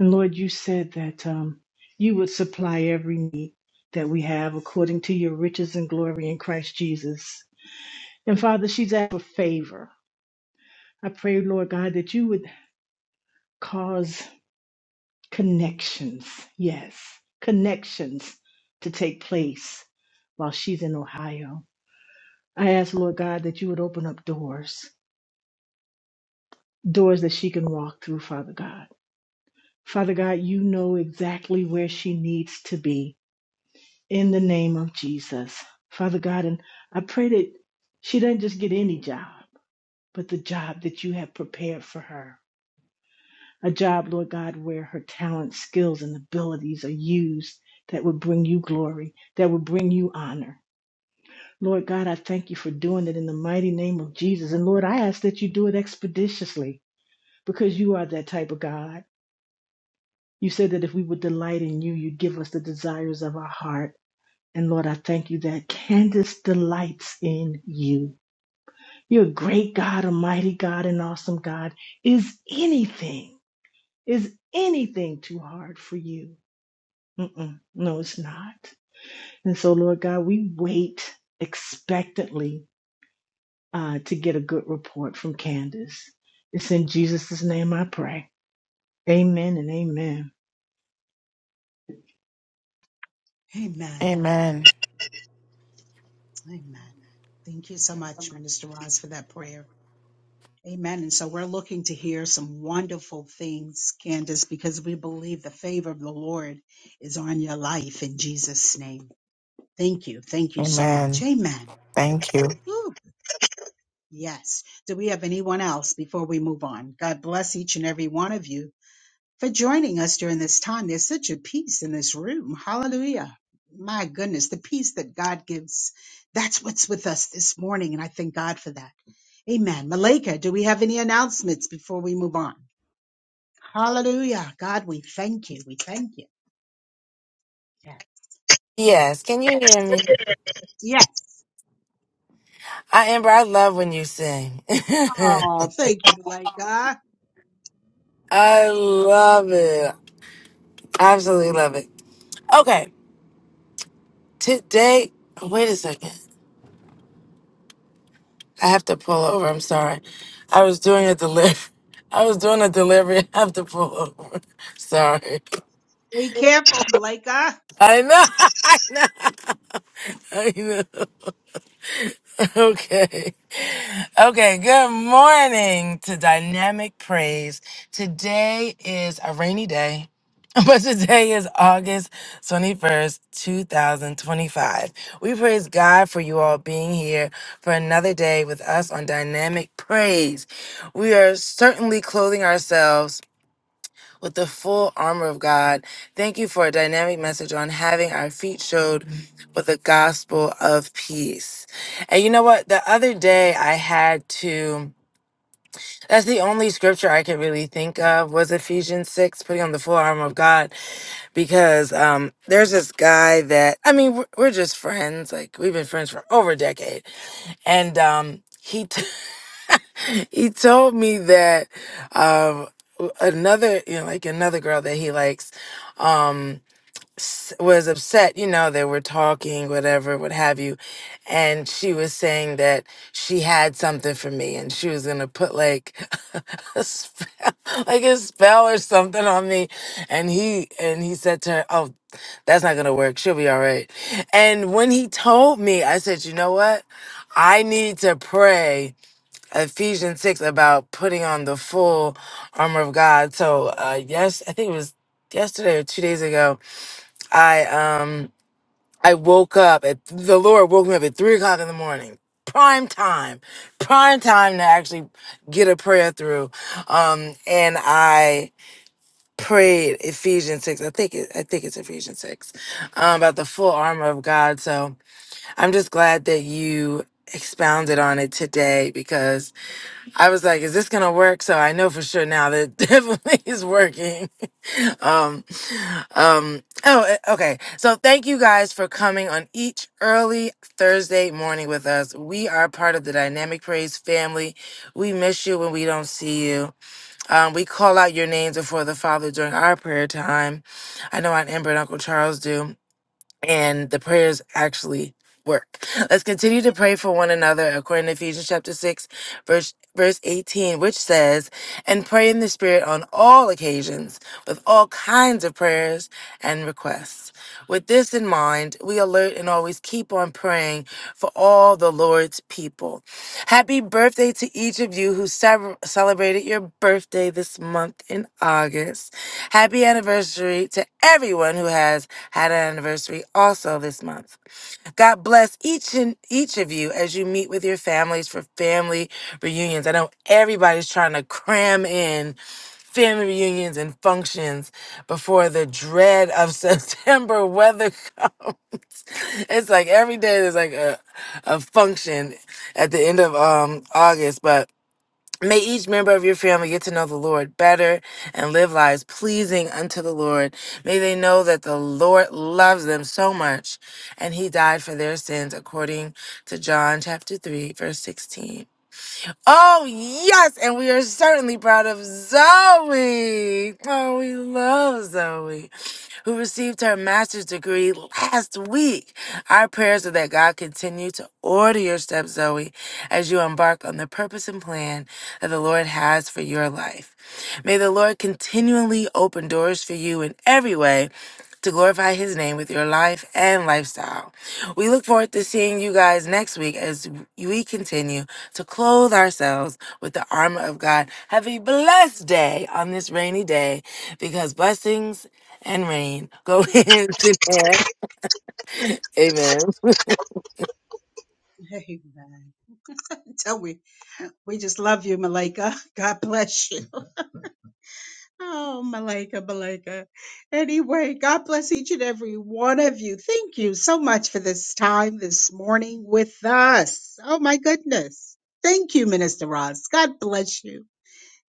And Lord, you said that um, you would supply every need that we have according to your riches and glory in Christ Jesus. And Father, she's asked for favor. I pray, Lord God, that you would cause Connections, yes, connections to take place while she's in Ohio. I ask, Lord God, that you would open up doors, doors that she can walk through, Father God. Father God, you know exactly where she needs to be in the name of Jesus. Father God, and I pray that she doesn't just get any job, but the job that you have prepared for her. a job, Lord God, where her talents, skills, and abilities are used that would bring you glory, that would bring you honor. Lord God, I thank you for doing it in the mighty name of Jesus. And Lord, I ask that you do it expeditiously because you are that type of God. You said that if we would delight in you, you'd give us the desires of our heart. And Lord, I thank you that Candace delights in you. You're a great God, a mighty God, an awesome God. Is anything, is anything too hard for you? Mm-mm. No, it's not. And so, Lord God, we wait expectantly uh, to get a good report from Candace. It's in Jesus' name I pray. Amen and amen. Amen. Amen. Amen. Thank you so much, Minister Ross, for that prayer. Amen. And so we're looking to hear some wonderful things, Candace, because we believe the favor of the Lord is on your life in Jesus' name. Thank you. Thank you so much. Amen. Amen. Thank you. Woo. Yes. Do we have anyone else before we move on? God bless each and every one of you. for joining us during this time. There's such a peace in this room. Hallelujah. My goodness, the peace that God gives. That's what's with us this morning, and I thank God for that. Amen. Malika, do we have any announcements before we move on? Hallelujah. God, we thank you. We thank you. Yes. Yes, can you hear me? Yes. I Amber, I love when you sing. Oh, thank you, Malika. I love it. Absolutely love it. Okay, today. Oh, Wait a second. I have to pull over. I'm sorry. I was doing a delivery. I was doing a delivery. I have to pull over. Sorry. Be careful, Malika. I know. I know. I know. Okay. Okay. Good morning to Dynamic Praise. Today is a rainy day, but today is August 21st, 2025. We praise God for you all being here for another day with us on Dynamic Praise. We are certainly clothing ourselves with the full armor of God. Thank you for a dynamic message on having our feet showed with the gospel of peace. And you know what? The other day I had to. That's the only scripture I could really think of was Ephesians 6, putting on the full armor of God. Because um, there's this guy that, I mean, we're, we're just friends. Like, we've been friends for over a decade. And um, he, he told me that um another you know like another girl that he likes um s- was upset you know they were talking whatever what have you and she was saying that she had something for me and she was gonna put like a spell like a spell or something on me and he and he said to her oh that's not gonna work she'll be all right and when he told me i said you know what i need to pray Ephesians 6 about putting on the full armor of God. So, uh, yes, I think it was yesterday or two days ago. I, um, I woke up at the Lord woke me up at three o'clock in the morning. Prime time, prime time to actually get a prayer through. Um, and I prayed Ephesians 6. I think it, I think it's Ephesians 6 um, about the full armor of God. So I'm just glad that you expounded on it today because I was like, is this gonna work? So I know for sure now that it definitely is working. Um, um, oh, eh, okay. So thank you guys for coming on each early Thursday morning with us. We are part of the Dynamic Praise family. We miss you when we don't see you. Um, we call out your names before the Father during our prayer time. I know Aunt Amber and Uncle Charles do and the prayers actually work. Let's continue to pray for one another according to Ephesians chapter 6 verse verse 18 which says, "And pray in the spirit on all occasions with all kinds of prayers and requests." With this in mind, we alert and always keep on praying for all the Lord's people. Happy birthday to each of you who sev- celebrated your birthday this month in August. Happy anniversary to everyone who has had an anniversary also this month. God bless each and each of you as you meet with your families for family reunions. I know everybody's trying to cram in family reunions and functions before the dread of September weather comes. It's like every day there's like a, a function at the end of um August, but may each member of your family get to know the Lord better and live lives pleasing unto the Lord. May they know that the Lord loves them so much and he died for their sins according to John chapter 3 verse 16. Oh yes, and we are certainly proud of Zoe. Oh, we love Zoe who received her master's degree last week. Our prayers are that God continue to order your steps, Zoe, as you embark on the purpose and plan that the Lord has for your life. May the Lord continually open doors for you in every way to glorify his name with your life and lifestyle. We look forward to seeing you guys next week as we continue to clothe ourselves with the armor of God. Have a blessed day on this rainy day because blessings and rain go hands in hand. Amen. Amen. Tell me, we just love you, Malika. God bless you. Oh, Malika, Malika. Anyway, God bless each and every one of you. Thank you so much for this time this morning with us. Oh, my goodness. Thank you, Minister Ross. God bless you.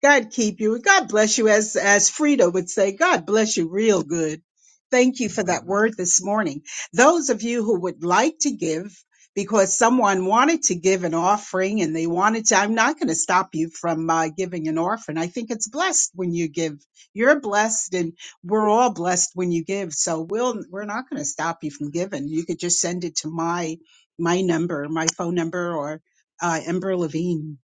God keep you. God bless you. As, as Frida would say, God bless you real good. Thank you for that word this morning. Those of you who would like to give, because someone wanted to give an offering and they wanted to, I'm not going to stop you from uh, giving an offering. I think it's blessed when you give. You're blessed and we're all blessed when you give. So we'll, we're not going to stop you from giving. You could just send it to my, my number, my phone number or uh, Ember Levine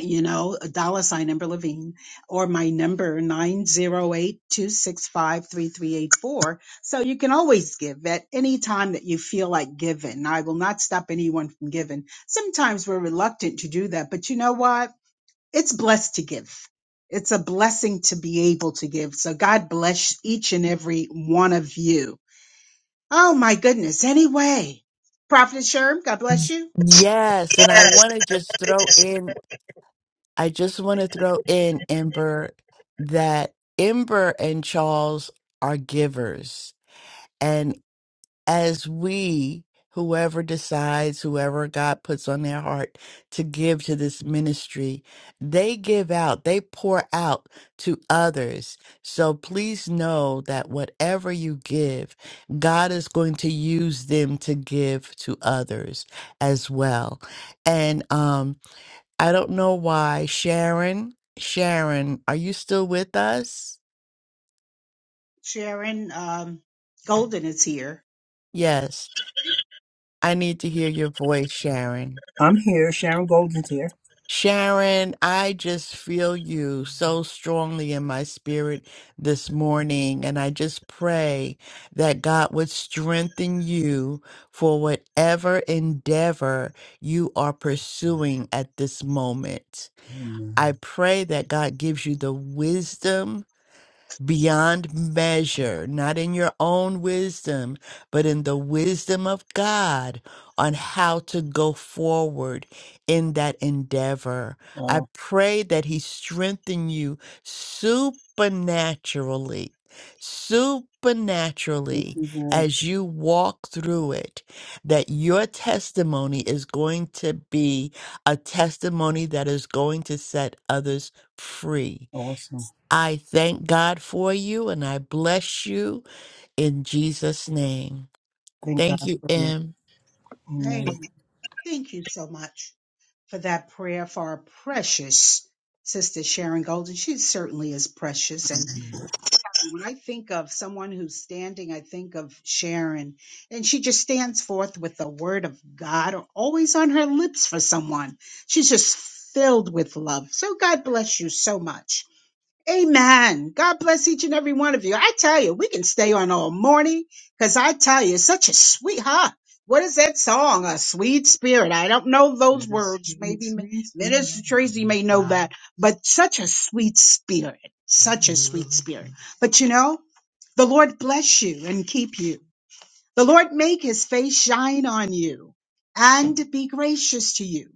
you know, a dollar sign Ember Levine, or my number nine zero eight two six five three three eight four. So you can always give at any time that you feel like giving. I will not stop anyone from giving. Sometimes we're reluctant to do that, but you know what? It's blessed to give. It's a blessing to be able to give. So God bless each and every one of you. Oh my goodness. Anyway, Prophet Sherm, God bless you. Yes, and I want to just throw in, I just want to throw in, Ember, that Ember and Charles are givers. as we, whoever decides, whoever God puts on their heart to give to this ministry, they give out, they pour out to others. So please know that whatever you give, God is going to use them to give to others as well. And um, I don't know why, Sharon, Sharon, are you still with us? Sharon um, Golden is here. Yes. I need to hear your voice, Sharon. I'm here. Sharon Golden's here. Sharon, I just feel you so strongly in my spirit this morning. And I just pray that God would strengthen you for whatever endeavor you are pursuing at this moment. Amen. I pray that God gives you the wisdom beyond measure, not in your own wisdom, but in the wisdom of God on how to go forward in that endeavor. I Wow. pray that He strengthen you supernaturally. Thank Supernaturally, you, Lord. as you walk through it, that your testimony is going to be a testimony that is going to set others free Awesome. I thank God for you and I bless you in Jesus' name. Thank Thank God you, for you. M. Amen. Amen. Thank you so much for that prayer for our precious sister Sharon Golden. She certainly is precious. And when I think of someone who's standing, I think of Sharon. And she just stands forth with the word of God always on her lips for someone. She's just filled with love. So God bless you so much. Amen. God bless each and every one of you. I tell you, we can stay on all morning because I tell you, it's such a sweet, huh? What is that song? A sweet spirit. I don't know those With a words. sweet, Maybe M- sweet Minister spirit Tracy may know of that, but such a sweet spirit, such a sweet spirit. But you know, the Lord bless you and keep you. The Lord make his face shine on you and be gracious to you.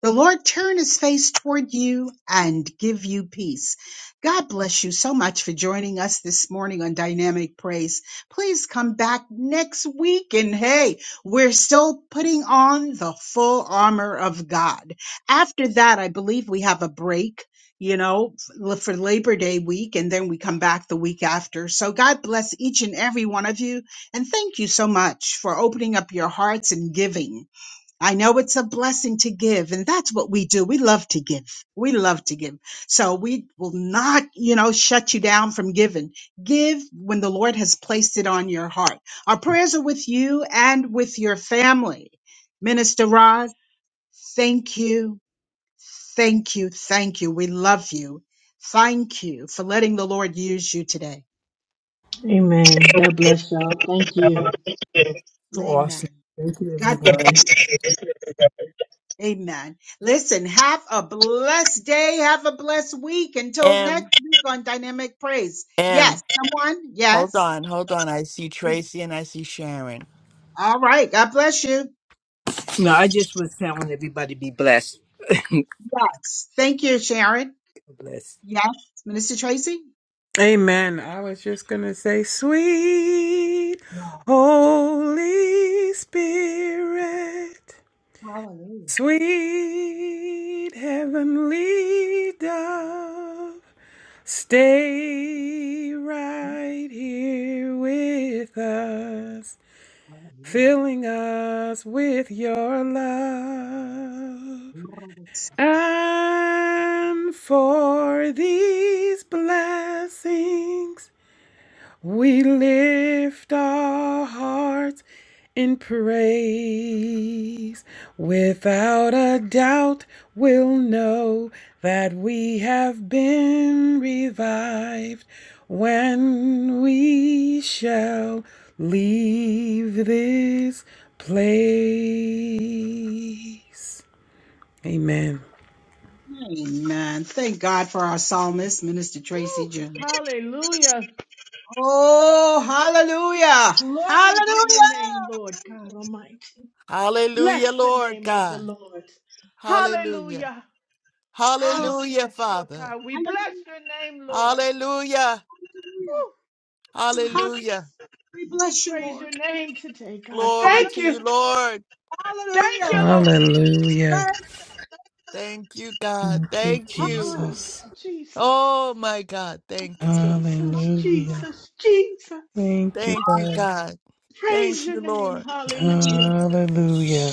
The Lord turn his face toward you and give you peace. God bless you so much for joining us this morning on Dynamic Praise. Please come back next week and hey, we're still putting on the full armor of God. After that, I believe we have a break, you know, l- for Labor Day week and then we come back the week after. So God bless each and every one of you and thank you so much for opening up your hearts and giving. I know it's a blessing to give, and that's what we do. We love to give. We love to give. So we will not, you know, shut you down from giving. Give when the Lord has placed it on your heart. Our prayers are with you and with your family. Minister Rod, thank you. Thank you. Thank you. We love you. Thank you for letting the Lord use you today. Amen. God bless y'all. Thank you. So awesome. Amen. Thank you, God everyone. Amen. Amen. Listen, have a blessed day. Have a blessed week. Until M. next week on Dynamic Praise. Yes. M. Someone? Hold Yes. on, hold on. I see Tracy and I see Sharon. All right. God bless you. No, I just was telling everybody be blessed. Yes. Thank you, Sharon. Blessed. Yes. Minister Tracy? Amen. I was just going to say, sweet Yes. Holy Spirit, Hallelujah. sweet heavenly dove, stay right here with us, Hallelujah. filling us with your love. And for these blessings, we lift our hearts in praise. Without a doubt, we'll know that we have been revived when we shall leave this place. Amen. Amen. Thank God for our psalmist, Minister Tracy Jones. Woo, hallelujah. Oh, hallelujah. Glory to your name, Hallelujah. Lord God Almighty. Hallelujah, Bless the Lord name of the God. Lord. Hallelujah. Hallelujah. Hallelujah. Oh, Hallelujah, yes, Lord Father. God. We bless Hallelujah. your name, Lord. Hallelujah. Woo, Hallelujah. Hallelujah. Jesus. We We bless you, praise Lord. your name today, God. Glory Thank to you, you. Lord. Thank Hallelujah. you, Lord. Hallelujah. Thank Thank you, God. Thank you, Thank you. Oh, Jesus. Hallelujah. Jesus. Oh, my God. Thank you. Jesus, Hallelujah. Jesus, Jesus. Thank you, Ah, Thank you, God. God. Praise Thank you, your name. Lord. Hallelujah. Hallelujah.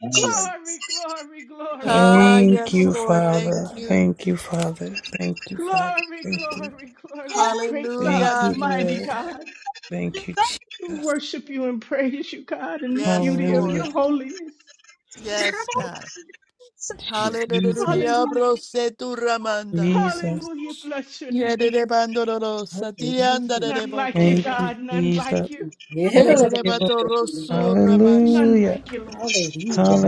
yeah, Jesus. Glory, glory, glory, Ah, glory, Thank yes, you, Lord. glory. Father. Thank you. Thank you, Father. Thank you, Father. Glory, Thank you. glory, glory. Great Thank God, you, Hallelujah. mighty Lord. God. Thank you, We Jesus. worship you and praise you, God, in the Yes, beauty of Lord. your Hallelujah. holiness. Yes, God. Jesus. Hallelujah. Bro, Hallelujah. se tu ramanda. Jesus. Hallelujah. Bless your Yere name. de bandoro, satianda Hallelujah. de None like you, Thank bocoria. you, God. None Jesus. like you. Yeah, Yere Thank de you, Lord. batoro you, Lord. surrabashi. None Hallelujah. like you, Lord.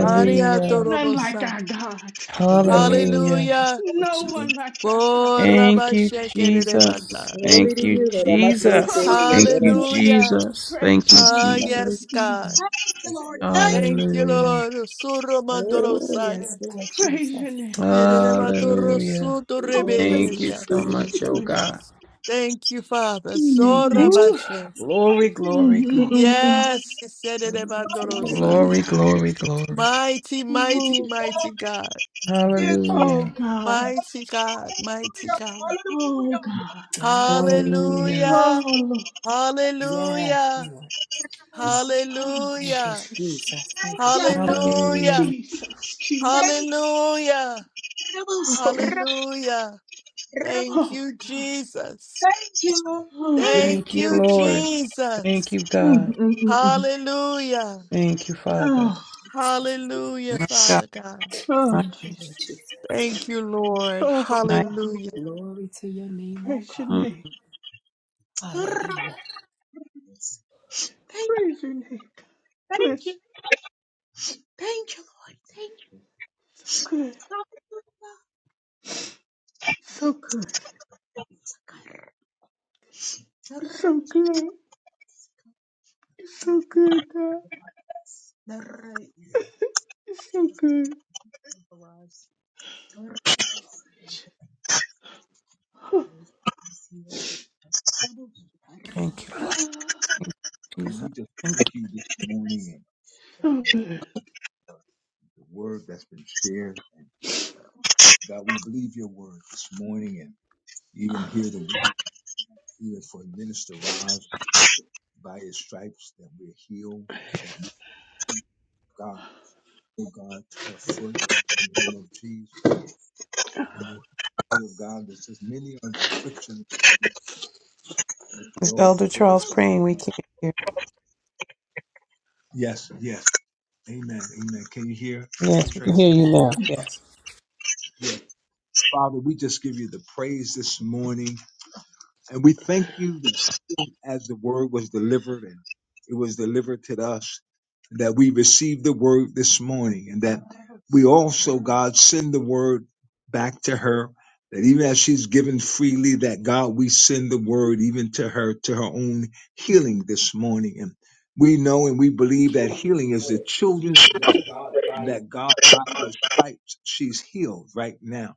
Aria None like torobosa. our God. Hallelujah. Hallelujah. No one like our God. Thank you, Jesus. Korabashekerebanda. Thank you, Jesus. Oh, Thank you, Hallelujah. Jesus. Thank praise you, your name. Ah, Jesus. yes, God. Lord, Thank you. Thank you, Hallelujah. Lord. Suromandorosaya. Praise your name. Hallelujah. Oh, Thank you praise, so Yererebatorosutorebekendasa. bless, much, oh bless. God. Thank you, Father. Mm, Woo. Sorabashe. Glory, Thank you. mm, glory, glory. mm, mm, mm. Yes, yes, yes, Thank you, yes, Lord, yes, yes, thank you. Thank you. yes. Oh, Glory, Sererebandorosaya. God. glory, glory. mighty, Thank mighty, Oh, you, mighty Lord. God. God. Yes. Oh, Hallelujah. God. Mighty God, mighty God. Oh, Hallelujah. God. Hallelujah. Hallelujah. Hallelujah. Oh, Lord. Hallelujah. Thank Rebels. Oh, Hallelujah. Jesus. Thank you. Hallelujah. Hallelujah. Jesus. Thank Jesus. Hallelujah. you. Rebels. Oh, Lord. Hallelujah. Rebels. Thank oh, you, God. Jesus. Thank you, Oh, Lord. Thank thank Thank you. you, you, Lord. Lord. Thank Jesus. you, Mm-hmm, God. mm-hmm, mm-hmm. Hallelujah. Thank you, Father. Oh, Hallelujah, My God, Father God. oh, my, Jesus. Thank you, Lord. Oh, my. God. Hallelujah. Praise your mm, name. Hurrahs. Thank you, Praise your name. God bless thank you, you. thank you, Lord. Thank you. So good. So good. You're So good. You're So good, God. You're So good. Oh, Thank you, Father. God. Jesus. we just Thank thank you this morning and the So good. word that's been shared. And God, we believe your word this morning and even hear the word here for Minister Roz by his stripes that we're healed That that we God. oh God, to her foot in the name of Jesus. And the word of God that says, many are the afflictions of you. the Is Lord, Elder they will Charles shine praying? We them all. can't hear. Yes, yes. Amen. Amen. Can you hear, Sister Yes, we can Tracy? hear you now. Yes. Yes. Father, we just give you the praise this morning. And we thank you. that. as the word was delivered and it was delivered to us that we received the word this morning and that we also god send the word back to her that even as she's given freely that god we send the word even to her to her own healing this morning and we know and we believe that healing is the children's that god by his stripes she's healed right now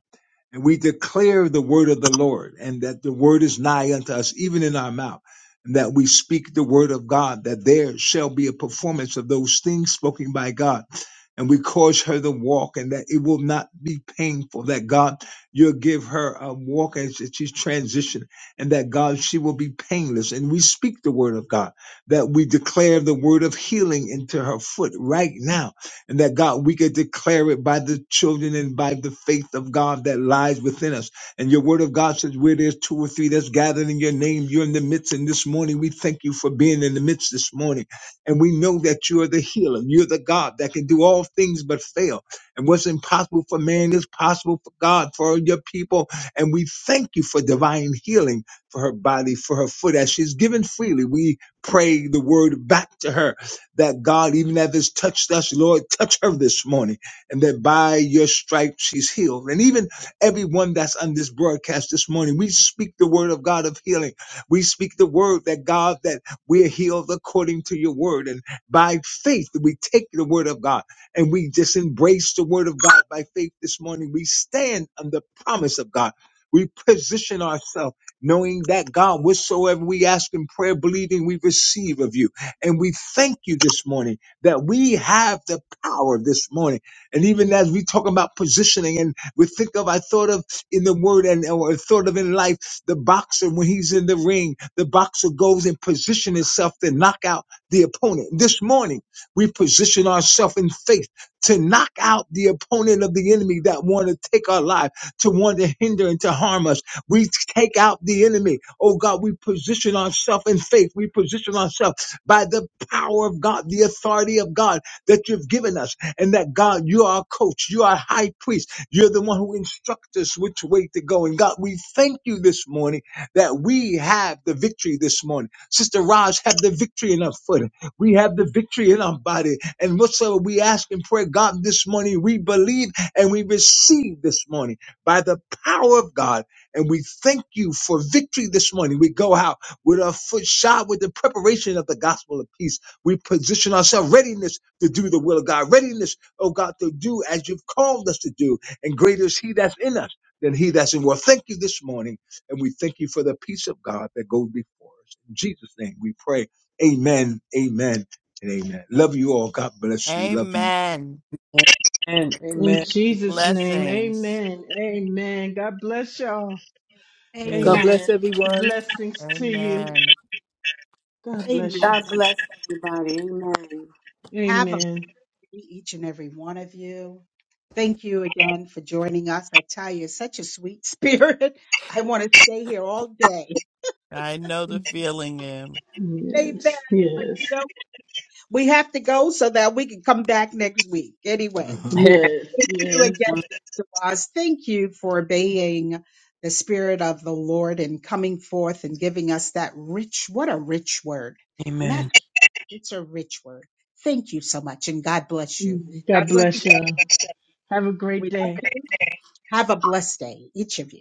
and we declare the word of the Lord and that the word is nigh unto us, even in our mouth, and that we speak the word of God, that there shall be a performance of those things spoken by God. And we cause her to walk and that it will not be painful, that God, you'll give her a walk as she's transitioned and that God, she will be painless. And we speak the word of God, that we declare the word of healing into her foot right now and that God, we could declare it by the children and by the faith of God that lies within us. And your word of God says, where there's two or three that's gathered in your name, you're in the midst. And this morning, we thank you for being in the midst this morning. And we know that you're the healer. You're the God that can do all things but fail. And what's impossible for man is possible for God, for your people. And we thank you for divine healing for her body, for her foot, as she's given freely. We pray the word back to her that God, even as it's touched us, Lord, touch her this morning, and that by your stripes she's healed. And even everyone that's on this broadcast this morning, we speak the word of God of healing. We speak the word that God, that we're healed according to your word. And by faith, we take the word of God and we just embrace the word of God by faith this morning. We stand on the promise of God. We position ourselves knowing that God, whatsoever we ask in prayer, believing we receive of you. And we thank you this morning that we have the power this morning. And even as we talk about positioning and we think of, I thought of in the word and or thought of in life, the boxer, when he's in the ring, the boxer goes and position himself to knock out the opponent. This morning, we position ourselves in faith to knock out the opponent of the enemy that want to take our life, to want to hinder and to harm us. We take out the enemy. Oh God, we position ourselves in faith. We position ourselves by the power of God, the authority of God that you've given us, and that God, you are our coach, you are our high priest, you're the one who instructs us which way to go. And God, we thank you this morning that we have the victory this morning. Sister Raj have the victory in our foot. We have the victory in our body. And whatsoever we ask in prayer, God, this morning we believe and we receive this morning by the power of God. And we thank you for victory this morning. We go out with our foot shod with the preparation of the gospel of peace. We position ourselves readiness to do the will of God, readiness, oh God, to do as you've called us to do. And greater is he that's in us than he that's in world. Thank you this morning. And we thank you for the peace of God that goes before us. In Jesus' name we pray. Amen, amen, and amen. Love you all. God bless you. Love you. Amen. Amen. In Amen. Jesus' name, Blessings. amen. Amen. God bless y'all. God Amen. Amen. bless Amen. everyone. Blessings to you. Amen. God Amen. bless you. God bless everybody. Amen. Have a Amen. to each and every one of you. Thank you again for joining us. I tell you, such a sweet spirit. I want to stay here all day. I know the feeling, Em. Yes. Amen. Yes. No, we have to go so that we can come back next week. Anyway, thank Yes. you Yes. again, Mr. Ross. Thank you for obeying the spirit of the Lord and coming forth and giving us that rich, what a rich word. And Amen. that's, it's a rich word. Thank you so much. And God bless you. Mm-hmm. God God bless you. bless y'all. Have a great We day. have a blessed day, each of you.